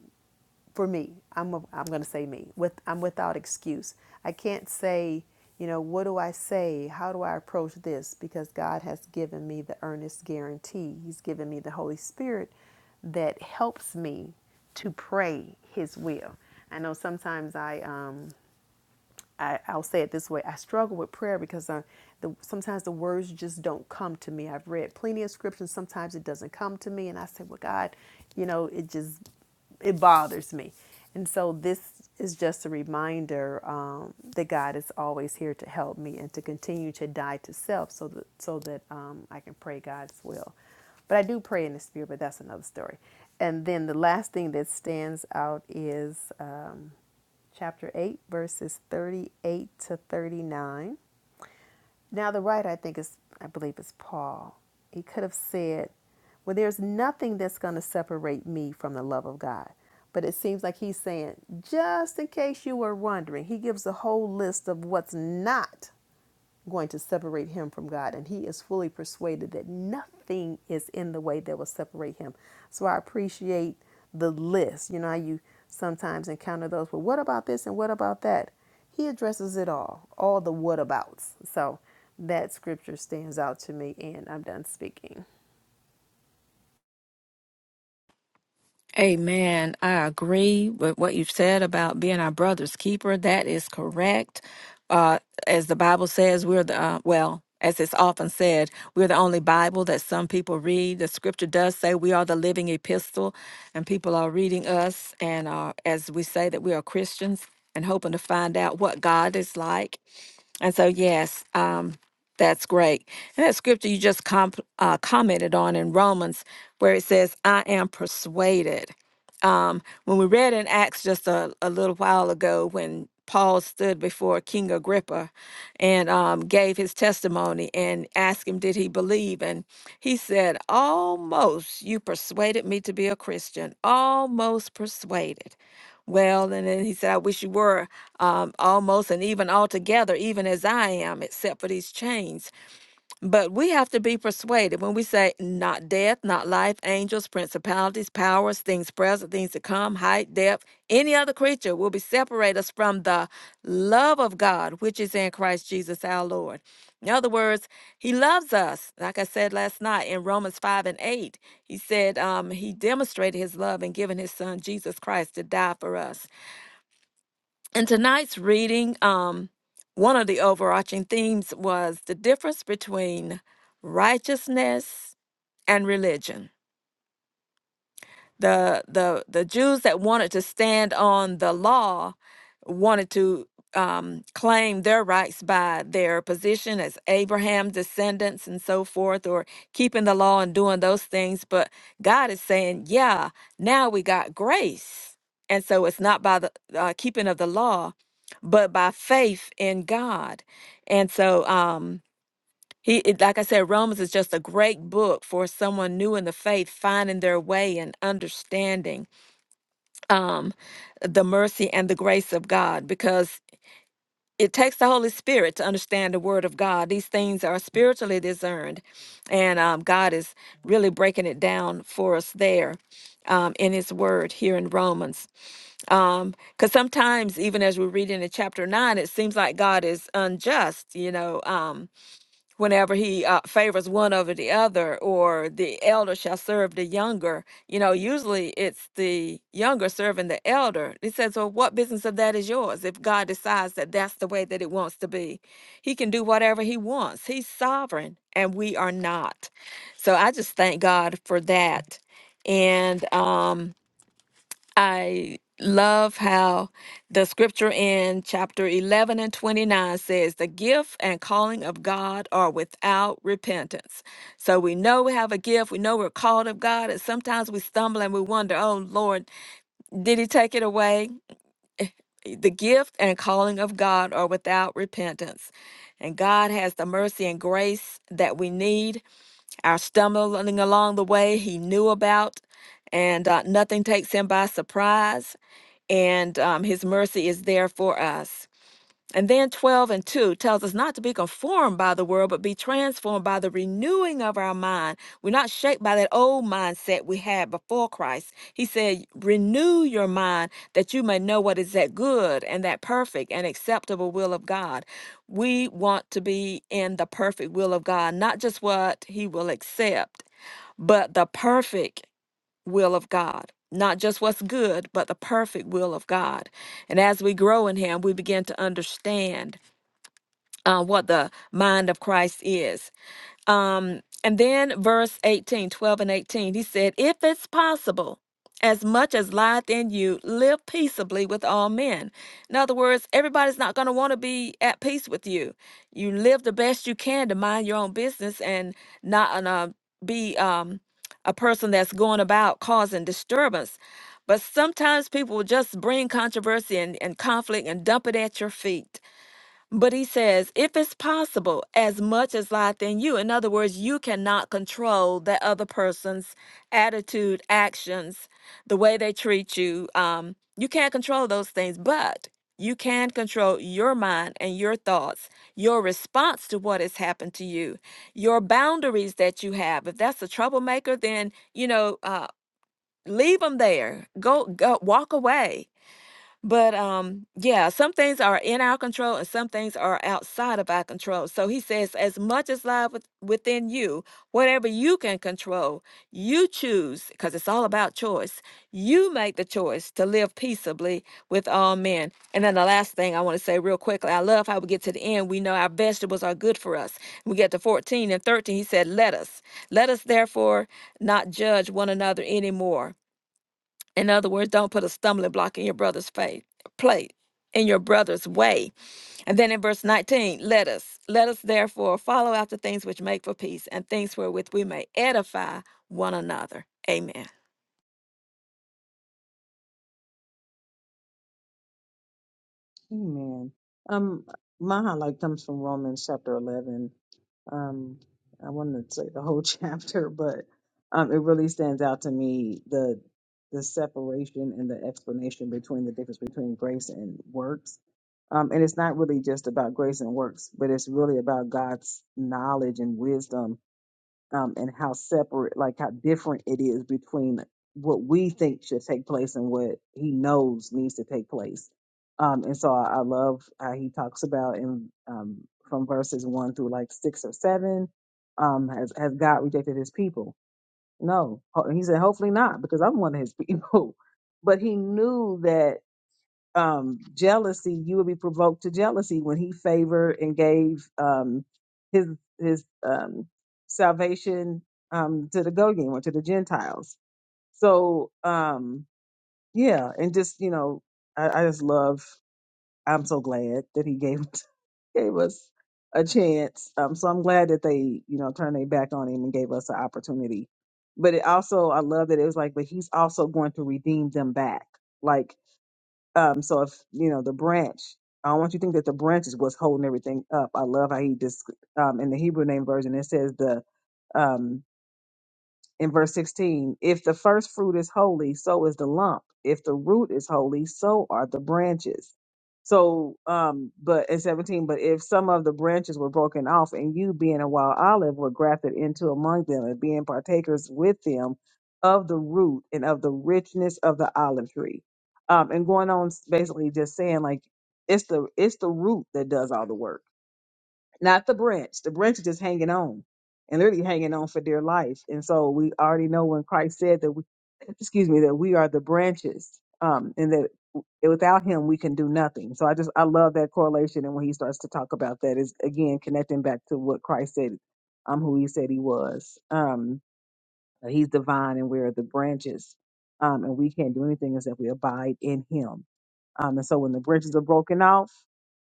S2: for me, I'm a, I'm going to say me. With I'm without excuse. I can't say, you know, what do I say? How do I approach this? Because God has given me the earnest guarantee. He's given me the Holy Spirit that helps me to pray His will. I know sometimes I um, I, I'll say it this way: I struggle with prayer because I, the, sometimes the words just don't come to me. I've read plenty of scriptures. Sometimes it doesn't come to me, and I say, "Well, God, you know, it just it bothers me." And so this is just a reminder um, that God is always here to help me and to continue to die to self, so that so that um, I can pray God's will. But I do pray in the spirit, but that's another story. And then the last thing that stands out is um, chapter 8, verses 38 to 39. Now, the writer, I think, is, I believe, is Paul. He could have said, Well, there's nothing that's going to separate me from the love of God. But it seems like he's saying, Just in case you were wondering, he gives a whole list of what's not going to separate him from God. And he is fully persuaded that nothing is in the way that will separate him. So I appreciate the list. You know, how you sometimes encounter those. Well, what about this and what about that? He addresses it all, all the whatabouts. So that scripture stands out to me, and I'm done speaking.
S4: Amen. I agree with what you've said about being our brother's keeper. That is correct. Uh, as the Bible says, we're the, uh, well, as it's often said, we're the only Bible that some people read. The scripture does say we are the living epistle, and people are reading us. And uh, as we say that we are Christians and hoping to find out what God is like And so, yes, um, that's great. And that scripture you just comp- uh, commented on in Romans, where it says, I am persuaded. Um, when we read in Acts just a, a little while ago, when Paul stood before King Agrippa and um, gave his testimony and asked him, Did he believe? And he said, Almost you persuaded me to be a Christian, almost persuaded. Well, and then he said, I wish you were um, almost and even altogether, even as I am, except for these chains. But we have to be persuaded when we say, not death, not life, angels, principalities, powers, things present, things to come, height, depth, any other creature will be separate us from the love of God, which is in Christ Jesus our Lord. In other words, he loves us. Like I said last night in Romans 5 and 8, he said um, he demonstrated his love in giving his son Jesus Christ to die for us. In tonight's reading, um, one of the overarching themes was the difference between righteousness and religion the the the Jews that wanted to stand on the law wanted to um, claim their rights by their position as Abraham descendants and so forth, or keeping the law and doing those things. But God is saying, yeah, now we got grace, and so it's not by the uh, keeping of the law, but by faith in God, and so. Um, he, it- like I said, Romans is just a great book for someone new in the faith, finding their way and understanding um, the mercy and the grace of God, because it takes the Holy Spirit to understand the Word of God. These things are spiritually discerned, and um, God is really breaking it down for us there um, in His Word here in Romans. Because sometimes, even as we read in the chapter nine, it seems like God is unjust, you know. Um, whenever he uh, favors one over the other, or the elder shall serve the younger. You know, usually it's the younger serving the elder. He says, Well, what business of that is yours if God decides that that's the way that it wants to be? He can do whatever he wants, he's sovereign, and we are not. So I just thank God for that. And, um, I love how the scripture in chapter 11 and 29 says, The gift and calling of God are without repentance. So we know we have a gift, we know we're called of God, and sometimes we stumble and we wonder, Oh Lord, did He take it away? Eh, eh, The gift and calling of God are without repentance. And God has the mercy and grace that we need. Our stumbling along the way, He knew about, and uh, nothing takes Him by surprise and um, his mercy is there for us. And then 12 and 2 tells us not to be conformed by the world, but be transformed by the renewing of our mind. We're not shaped by that old mindset we had before Christ. He said, Renew your mind that you may know what is that good and that perfect and acceptable will of God. We want to be in the perfect will of God, not just what He will accept, but the perfect will of God, not just what's good, but the perfect will of God. And as we grow in Him, we begin to understand uh, what the mind of Christ is. Um, and then verse 18, 12 and 18, he said, If it's possible, as much as lieth in you, live peaceably with all men. In other words, everybody's not going to want to be at peace with you. You live the best you can to mind your own business and not and, uh, be um, a person that's going about causing disturbance. But sometimes people will just bring controversy and, and conflict and dump it at your feet but he says, if it's possible, as much as lieth in you. In other words, you cannot control that other person's attitude, actions, the way they treat you. Um, you can't control those things, but you can control your mind and your thoughts, your response to what has happened to you, your boundaries that you have. If that's a troublemaker, then you know, uh, leave them there. Go, go, walk away but um, yeah, some things are in our control and some things are outside of our control. So he says, as much as lies with, within you, whatever you can control, you choose, because it's all about choice. You make the choice to live peaceably with all men. And then the last thing I want to say real quickly, I love how we get to the end. We know our vegetables are good for us. We get to 14 and 13, he said, let us. Let us therefore not judge one another anymore in other words, don't put a stumbling block in your brother's faith, plate, in your brother's way. And then in verse 19, let us, let us therefore follow after things which make for peace and things wherewith we may edify one another. Amen.
S5: Amen. Um, my highlight comes from Romans chapter 11. Um, I wanted to say the whole chapter, but um, it really stands out to me the the separation and the explanation between the difference between grace and works. Um, and it's not really just about grace and works, but it's really about God's knowledge and wisdom um, and how separate, like how different it is between what we think should take place and what he knows needs to take place. Um, and so I, I love how he talks about in um, from verses one through like six or seven. Um, has has God rejected His people? No, Ho- he said, hopefully not, because I'm one of His people. But he knew that um, jealousy, you would be provoked to jealousy when he favored and gave um, his his um, salvation um, to the Gogim or to the Gentiles. So um, yeah, and just you know, I, I just love. I'm so glad that he gave gave us a chance. Um, so I'm glad that they you know turned their back on him and gave us an opportunity. But it also, I love that it was like, but he's also going to redeem them back. Like um, so if you know the branch, I don't want you to think that the branch is what's holding everything up. I love how he just um, in the Hebrew name version it says the um, in verse 16 if the first fruit is holy so is the lump if the root is holy so are the branches so um but in 17 but if some of the branches were broken off and you being a wild olive were grafted into among them and being partakers with them of the root and of the richness of the olive tree um and going on basically just saying like it's the it's the root that does all the work not the branch. The branch is just hanging on and literally hanging on for dear life. And so we already know when Christ said that we, excuse me, that we are the branches, um, and that without him we can do nothing. So I just I love that correlation. And when he starts to talk about that is again connecting back to what Christ said, um, who he said he was. Um, that he's divine and we are the branches. Um, and we can't do anything except we abide in him. Um, and so when the branches are broken off,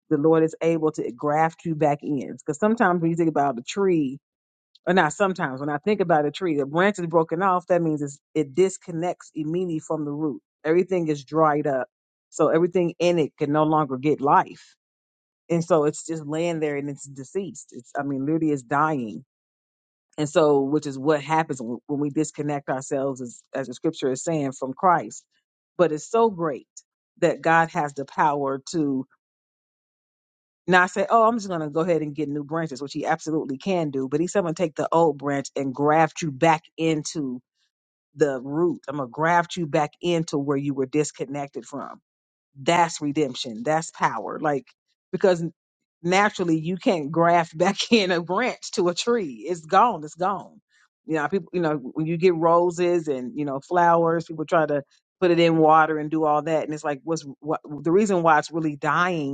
S5: the Lord is able to graft you back in. Because sometimes when you think about the tree, or not sometimes, when I think about a tree, the branch is broken off, that means it's, it disconnects immediately from the root. Everything is dried up. So everything in it can no longer get life. And so it's just laying there and it's deceased. It's, I mean, literally it's dying. And so, which is what happens when when we disconnect ourselves, as, as the scripture is saying, from Christ. But it's so great that God has the power to Now I said, oh, I'm just going to go ahead and get new branches, which he absolutely can do. But he's going to take the old branch and graft you back into the root. I'm going to graft you back into where you were disconnected from. That's redemption. That's power. Like, because naturally you can't graft back in a branch to a tree. It's gone. It's gone. You know, people, you know, when you get roses and, you know, flowers, people try to put it in water and do all that. And it's like, what's what, the reason why it's really dying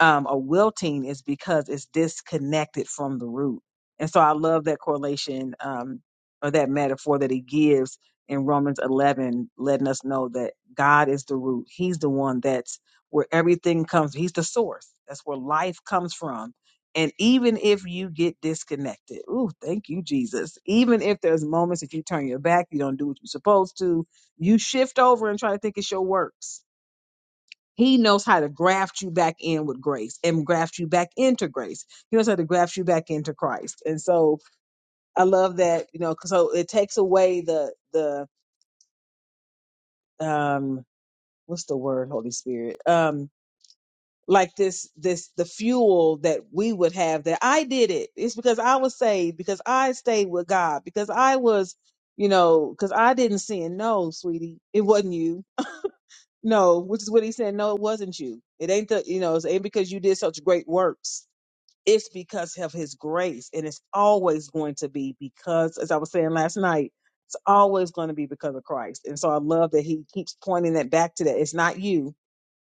S5: um, or wilting is because it's disconnected from the root. And so I love that correlation um, or that metaphor that he gives in Romans 11, letting us know that God is the root. He's the one that's where everything comes. He's the source. That's where life comes from. And even if you get disconnected, ooh, thank you, Jesus. Even if there's moments that you turn your back, you don't do what you're supposed to, you shift over and try to think it's your works he knows how to graft you back in with grace and graft you back into grace. He knows how to graft you back into Christ. And so I love that, you know, 'cause so it takes away the the um what's the word, Holy Spirit? Um like this this the fuel that we would have that I did it. It's because I was saved, because I stayed with God, because I was, you know, because I didn't sin. No, sweetie, it wasn't you. No, which is what he said. No, it wasn't you. It ain't the, you know, it ain't because you did such great works it's because of his grace and it's always going to be because as i was saying last night it's always going to be because of christ and so i love that he keeps pointing that back to that it's not you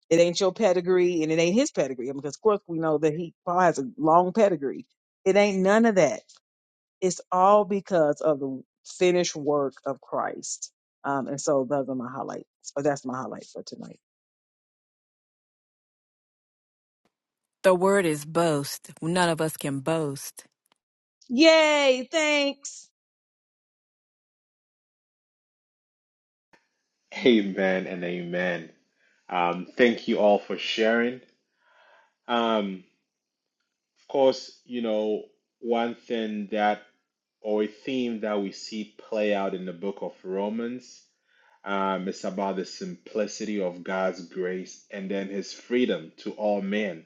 S5: it ain't your pedigree and it ain't his pedigree because of course we know that he paul has a long pedigree it ain't none of that it's all because of the finished work of christ um, and so those are my highlights or that's my highlight for tonight
S4: The word is boast. None of us can boast.
S5: yay thanks
S1: Amen and amen. Um, thank you all for sharing. Um, of course, you know, one thing that or a theme that we see play out in the book of Romans um, is about the simplicity of God's grace and then his freedom to all men.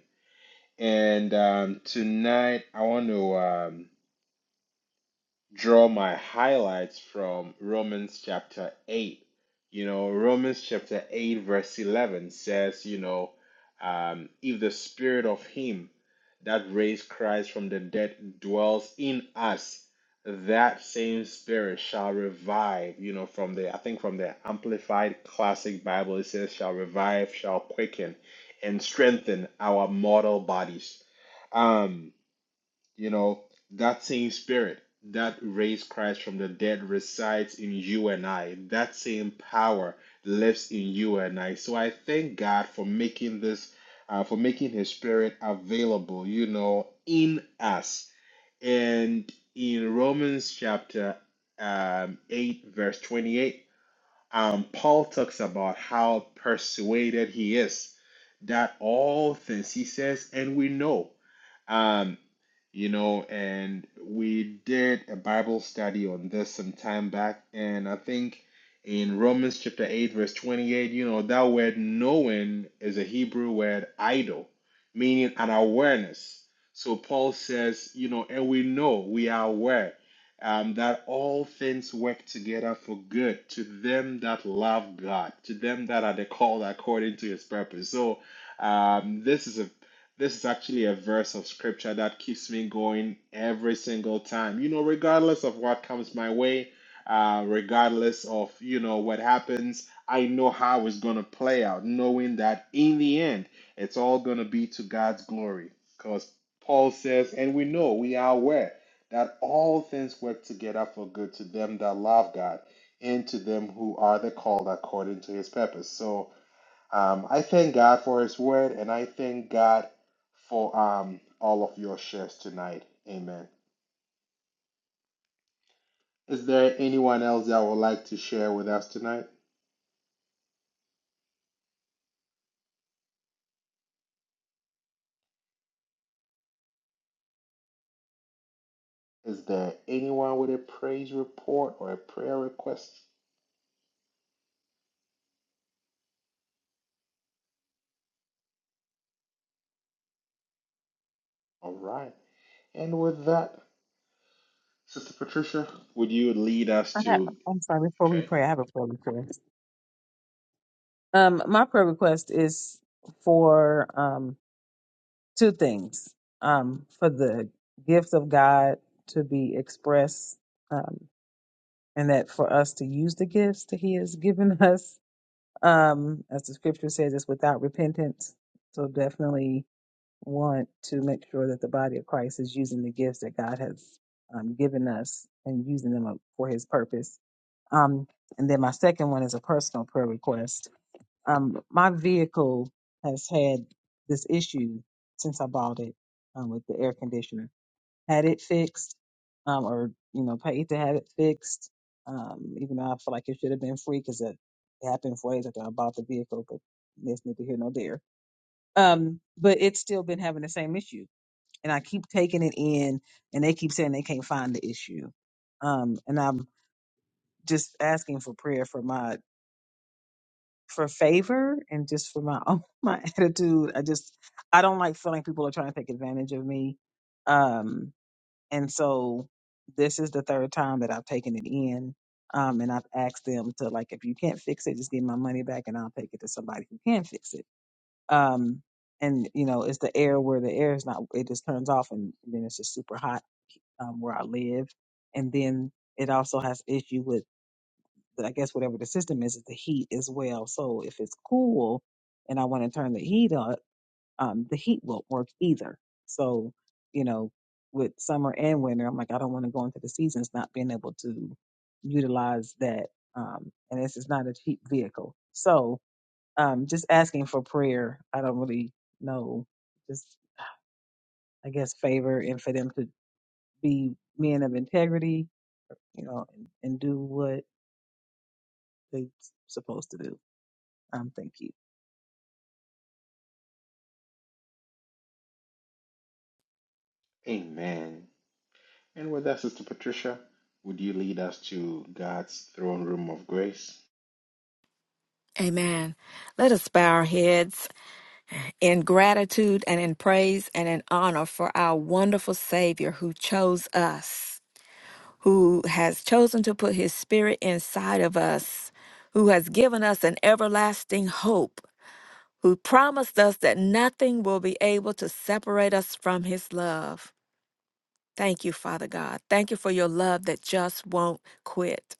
S1: And um, tonight, I want to. Um, draw my highlights from Romans chapter 8. You know, Romans chapter 8, verse 11 says, you know, um, if the spirit of him that raised Christ from the dead dwells in us, that same spirit shall revive, you know, from the, I think from the Amplified Classic Bible, it says, shall revive, shall quicken, and strengthen our mortal bodies. Um, you know, that same spirit that raised Christ from the dead resides in you and I. That same power lives in you and I. So I thank God for making this, uh, for making His Spirit available, you know, in us. And in Romans chapter um, 8, verse 28, um, Paul talks about how persuaded he is that all things, he says, and we know. Um, you know, and we did a Bible study on this some time back, and I think in Romans chapter 8, verse 28, you know, that word knowing is a Hebrew word idol, meaning an awareness. So Paul says, you know, and we know, we are aware um, that all things work together for good to them that love God, to them that are the called according to his purpose. So, um, this is a this is actually a verse of scripture that keeps me going every single time. You know, regardless of what comes my way, uh, regardless of, you know, what happens, I know how it's going to play out, knowing that in the end, it's all going to be to God's glory. Because Paul says, and we know, we are aware that all things work together for good to them that love God and to them who are the called according to his purpose. So, um, I thank God for His word, and I thank God for um, all of your shares tonight. Amen. Is there anyone else that would like to share with us tonight? Is there anyone with a praise report or a prayer request? All right. And with that, Sister Patricia, would you lead us
S5: I have,
S1: to.
S5: I'm sorry, before we
S1: Okay.
S5: pray, I have a prayer request. Um, my prayer request is for um, two things um, for the gifts of God to be expressed, um, and that for us to use the gifts that He has given us. Um, as the scripture says, it's without repentance. So definitely want to make sure that the body of Christ is using the gifts that God has um, given us and using them for His purpose. Um, and then my second one is a personal prayer request um, my vehicle has had this issue since I bought it um, with the air conditioner. Had it fixed, um, or you know, paid to have it fixed. Um, even though I feel like it should have been free because it, happened four days after I bought the vehicle, but that's neither here nor there. Um, but it's still been having the same issue, and I keep taking it in, and they keep saying they can't find the issue. Um, and I'm just asking for prayer for my for favor and just for my own my attitude. I just I don't like feeling people are trying to take advantage of me. Um and so this is the third time that I've taken it in. Um and I've asked them to like if you can't fix it, just give my money back and I'll take it to somebody who can fix it. Um and you know, it's the air where the air is not it just turns off and then it's just super hot um where I live. And then it also has issue with I guess whatever the system is, is the heat as well. So if it's cool and I want to turn the heat up, um, the heat won't work either. So, you know, with summer and winter, I'm like, I don't want to go into the seasons not being able to utilize that. Um, and this is not a cheap vehicle. So um, just asking for prayer. I don't really know. Just, I guess, favor and for them to be men of integrity, you know, and, and do what they're supposed to do. Um, thank you.
S1: Amen. And with that, Sister Patricia, would you lead us to God's throne room of grace?
S4: Amen. Let us bow our heads in gratitude and in praise and in honor for our wonderful Savior who chose us. who has chosen to put his spirit inside of us, who has given us an everlasting hope, who promised us that nothing will be able to separate us from his love. Thank you, Father God. Thank you for your love that just won't quit.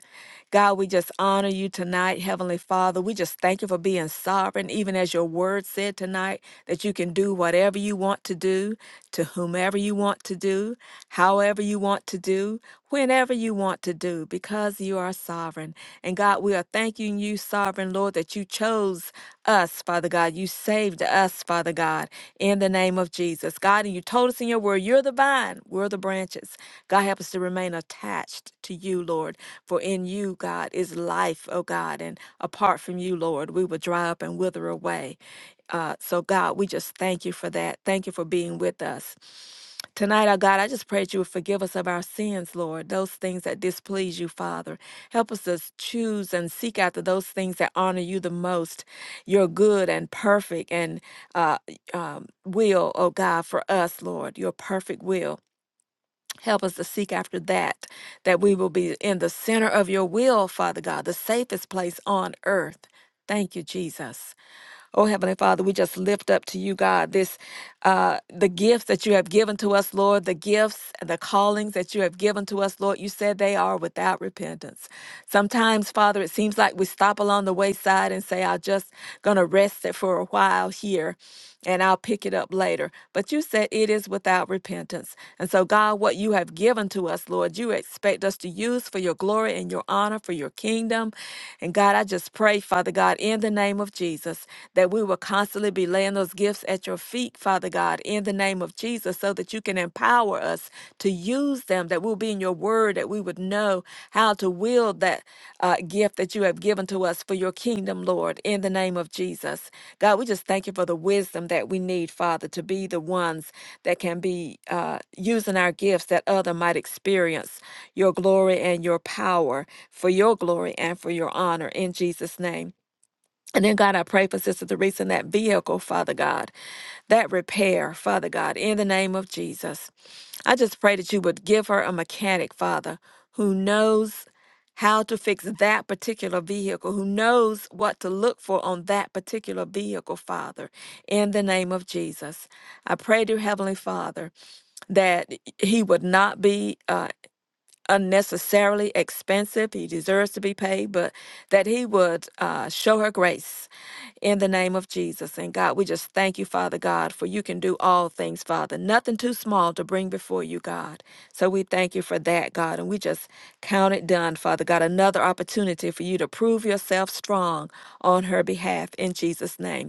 S4: God, we just honor you tonight, Heavenly Father. We just thank you for being sovereign, even as your word said tonight, that you can do whatever you want to do, to whomever you want to do, however you want to do, whenever you want to do, because you are sovereign. And God, we are thanking you, sovereign Lord, that you chose us, Father God. You saved us, Father God, in the name of Jesus. God, and you told us in your word, you're the vine, we're the branches. God, help us to remain attached to you, Lord. For in you, God, is life, oh God. And apart from you, Lord, we will dry up and wither away. Uh, so, God, we just thank you for that. Thank you for being with us. Tonight, oh God, I just pray that you would forgive us of our sins, Lord, those things that displease you, Father. Help us to choose and seek after those things that honor you the most, your good and perfect and uh, um, will, oh God, for us, Lord, your perfect will. Help us to seek after that, that we will be in the center of your will, Father God, the safest place on earth. Thank you, Jesus. Oh, Heavenly Father, we just lift up to you, God, this uh, the gifts that you have given to us, Lord, the gifts and the callings that you have given to us, Lord. You said they are without repentance. Sometimes, Father, it seems like we stop along the wayside and say, I'm just going to rest it for a while here and I'll pick it up later. But you said it is without repentance. And so, God, what you have given to us, Lord, you expect us to use for your glory and your honor, for your kingdom. And God, I just pray, Father God, in the name of Jesus, that we will constantly be laying those gifts at your feet, Father God, in the name of Jesus. Jesus, so that you can empower us to use them, that we'll be in your word, that we would know how to wield that uh, gift that you have given to us for your kingdom, Lord, in the name of Jesus. God, we just thank you for the wisdom that we need, Father, to be the ones that can be uh, using our gifts that other might experience your glory and your power for your glory and for your honor in Jesus' name. And then, God, I pray for Sister Teresa in that vehicle, Father God that repair, Father God, in the name of Jesus. I just pray that you would give her a mechanic, Father, who knows how to fix that particular vehicle, who knows what to look for on that particular vehicle, Father, in the name of Jesus. I pray, dear Heavenly Father, that he would not be. Uh, Unnecessarily expensive. He deserves to be paid, but that he would uh, show her grace in the name of Jesus. And God, we just thank you, Father God, for you can do all things, Father. Nothing too small to bring before you, God. So we thank you for that, God. And we just count it done, Father God. Another opportunity for you to prove yourself strong on her behalf in Jesus' name.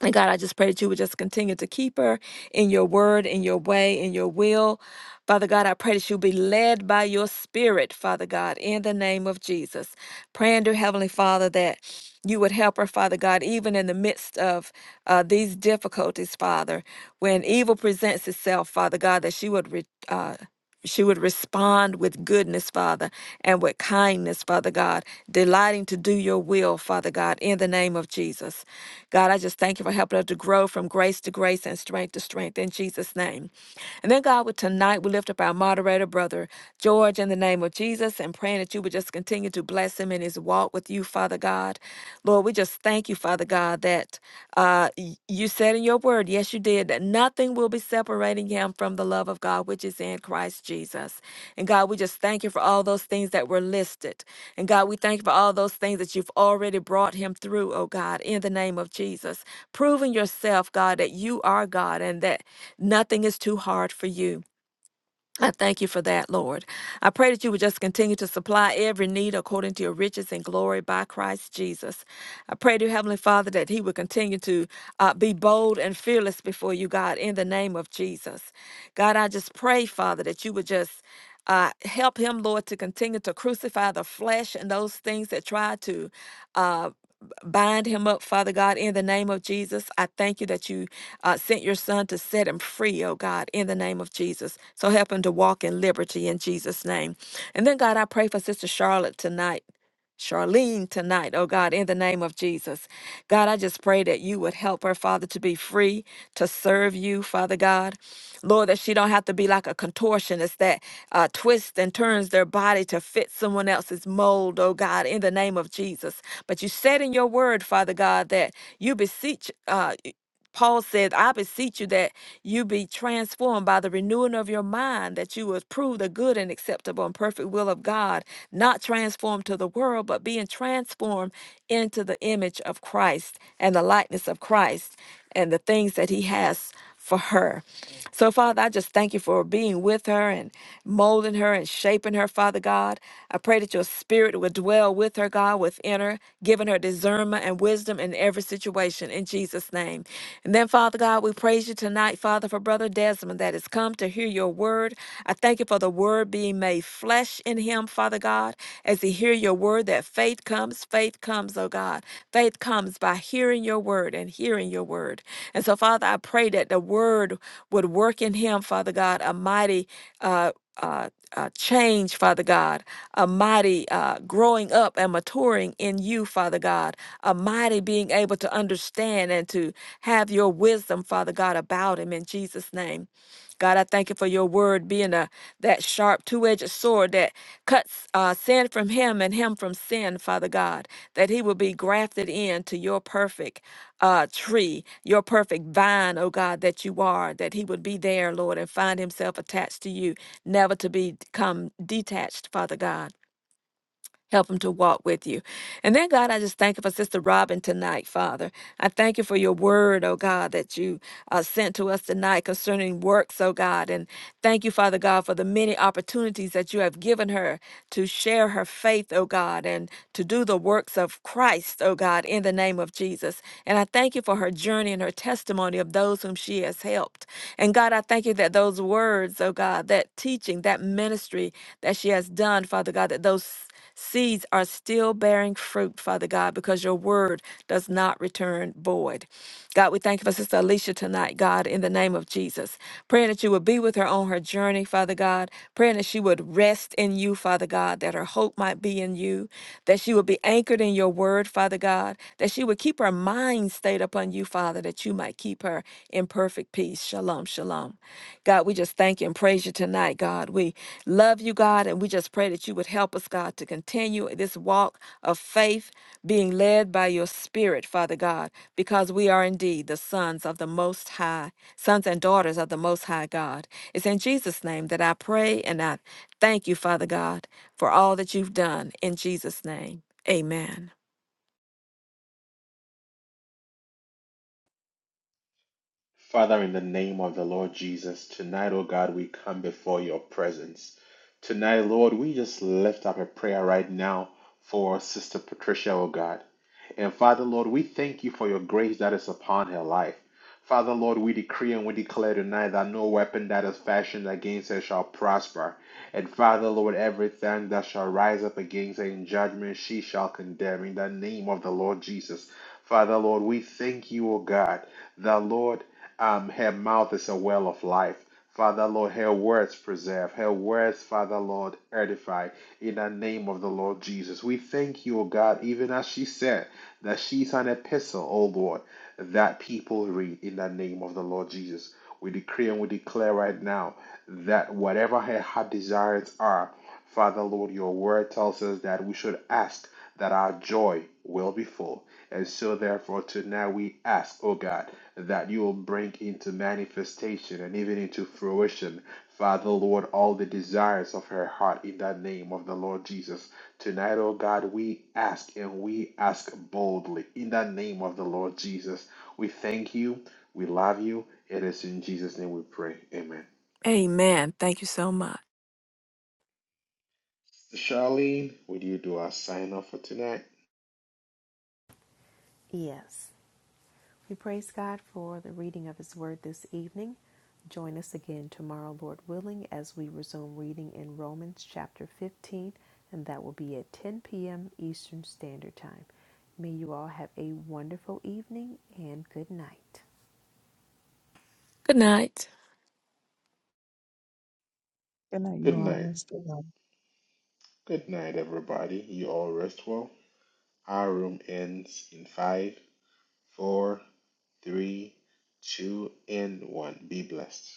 S4: And God, I just pray that you would just continue to keep her in your word, in your way, in your will. Father God, I pray that she'll be led by your spirit, Father God, in the name of Jesus. Praying dear Heavenly Father that you would help her, Father God, even in the midst of uh, these difficulties, Father, when evil presents itself, Father God, that she would. Re- uh, she would respond with goodness, Father, and with kindness, Father God, delighting to do your will, Father God, in the name of Jesus. God, I just thank you for helping us to grow from grace to grace and strength to strength in Jesus' name. And then, God, with tonight, we lift up our moderator, Brother George, in the name of Jesus, and praying that you would just continue to bless him in his walk with you, Father God. Lord, we just thank you, Father God, that. Uh, y- you said in your word, yes, you did, that nothing will be separating him from the love of God, which is in Christ Jesus. And God, we just thank you for all those things that were listed. And God, we thank you for all those things that you've already brought him through, oh God, in the name of Jesus. Proving yourself, God, that you are God and that nothing is too hard for you. I thank you for that, Lord. I pray that you would just continue to supply every need according to your riches and glory by Christ Jesus. I pray to Heavenly Father that He would continue to uh, be bold and fearless before you, God, in the name of Jesus. God, I just pray, Father, that you would just uh, help him, Lord, to continue to crucify the flesh and those things that try to. Uh, bind him up, Father God, in the name of Jesus. I thank you that you uh, sent your son to set him free, oh God, in the name of Jesus. So help him to walk in liberty in Jesus' name. And then, God, I pray for Sister Charlotte tonight. Charlene tonight, oh God, in the name of Jesus. God, I just pray that you would help her, Father, to be free, to serve you, Father God. Lord, that she don't have to be like a contortionist that uh, twists and turns their body to fit someone else's mold, oh God, in the name of Jesus. But you said in your word, Father God, that you beseech, uh, Paul said, I beseech you that you be transformed by the renewing of your mind, that you would prove the good and acceptable and perfect will of God, not transformed to the world, but being transformed into the image of Christ and the likeness of Christ and the things that he has for her. So, Father, I just thank you for being with her and molding her and shaping her, Father God. I pray that your spirit would dwell with her, God, within her, giving her discernment and wisdom in every situation in Jesus' name. And then, Father God, we praise you tonight, Father, for Brother Desmond that is coming have come to hear your word. I thank you for the word being made flesh in him, Father God, as he hear your word that faith comes, faith comes, oh God. Faith comes by hearing your word and hearing your word. And so, Father, I pray that the word would work in him, Father God, a mighty uh uh, uh, change, Father God, a mighty uh, growing up and maturing in you, Father God, a mighty being able to understand and to have your wisdom, Father God, about him in Jesus' name. God, I thank you for your word being a that sharp two-edged sword that cuts uh, sin from him and him from sin, Father God, that he will be grafted into your perfect uh, tree, your perfect vine, oh God, that you are, that he would be there, Lord, and find himself attached to you, never to be become detached, Father God. Help him to walk with you. And then, God, I just thank you for Sister Robin tonight, Father. I thank you for your word, oh God, that you uh, sent to us tonight concerning works, oh God. And thank you, Father God, for the many opportunities that you have given her to share her faith, oh God, and to do the works of Christ, oh God, in the name of Jesus. And I thank you for her journey and her testimony of those whom she has helped. And God, I thank you that those words, oh God, that teaching, that ministry that she has done, Father God, that those Seeds are still bearing fruit, Father God, because your word does not return void. God, we thank you for Sister Alicia tonight, God, in the name of Jesus. Praying that you would be with her on her journey, Father God. Praying that she would rest in you, Father God, that her hope might be in you, that she would be anchored in your word, Father God, that she would keep her mind stayed upon you, Father, that you might keep her in perfect peace. Shalom, shalom. God, we just thank you and praise you tonight, God. God. We love you, God, and we just pray that you would help us, God, to continue this walk of faith, being led by your Spirit, Father God, because we are indeed the sons of the Most High, sons and daughters of the Most High God. It's in Jesus' name that I pray and I thank you, Father God, for all that you've done. In Jesus' name, amen.
S1: Father, in the name of the Lord Jesus, tonight, oh God, we come before your presence. Tonight, Lord, we just lift up a prayer right now for Sister Patricia, oh God. And Father, Lord, we thank you for your grace that is upon her life. Father, Lord, we decree and we declare tonight that no weapon that is fashioned against her shall prosper. And Father, Lord, every tongue that shall rise up against her in judgment, she shall condemn. In the name of the Lord Jesus. Father, Lord, we thank you, O God, that, Lord. Um, her mouth is a well of life. Father Lord, her words preserve, her words, Father Lord, edify in the name of the Lord Jesus. We thank you, O God, even as she said, that she's an epistle, O Lord, that people read in the name of the Lord Jesus. We decree and we declare right now that whatever her heart desires are, Father Lord, your word tells us that we should ask that our joy will be full. And so, therefore, tonight we ask, oh God, that you will bring into manifestation and even into fruition, Father, Lord, all the desires of her heart in the name of the Lord Jesus. Tonight, oh God, we ask and we ask boldly in the name of the Lord Jesus. We thank you. We love you. It is in Jesus' name we pray. Amen.
S4: Amen. Thank you so much.
S1: Sister Charlene, would you do our sign off for tonight?
S2: Yes. We praise God for the reading of His Word this evening. Join us again tomorrow, Lord willing, as we resume reading in Romans chapter 15, and that will be at 10 p.m. Eastern Standard Time. May you all have a wonderful evening and good night.
S4: Good night.
S5: Good night, you
S1: Good
S5: all.
S1: night.
S5: Rest well.
S1: Good night, everybody. You all rest well. Our room ends in five, four, three, two, and one. Be blessed.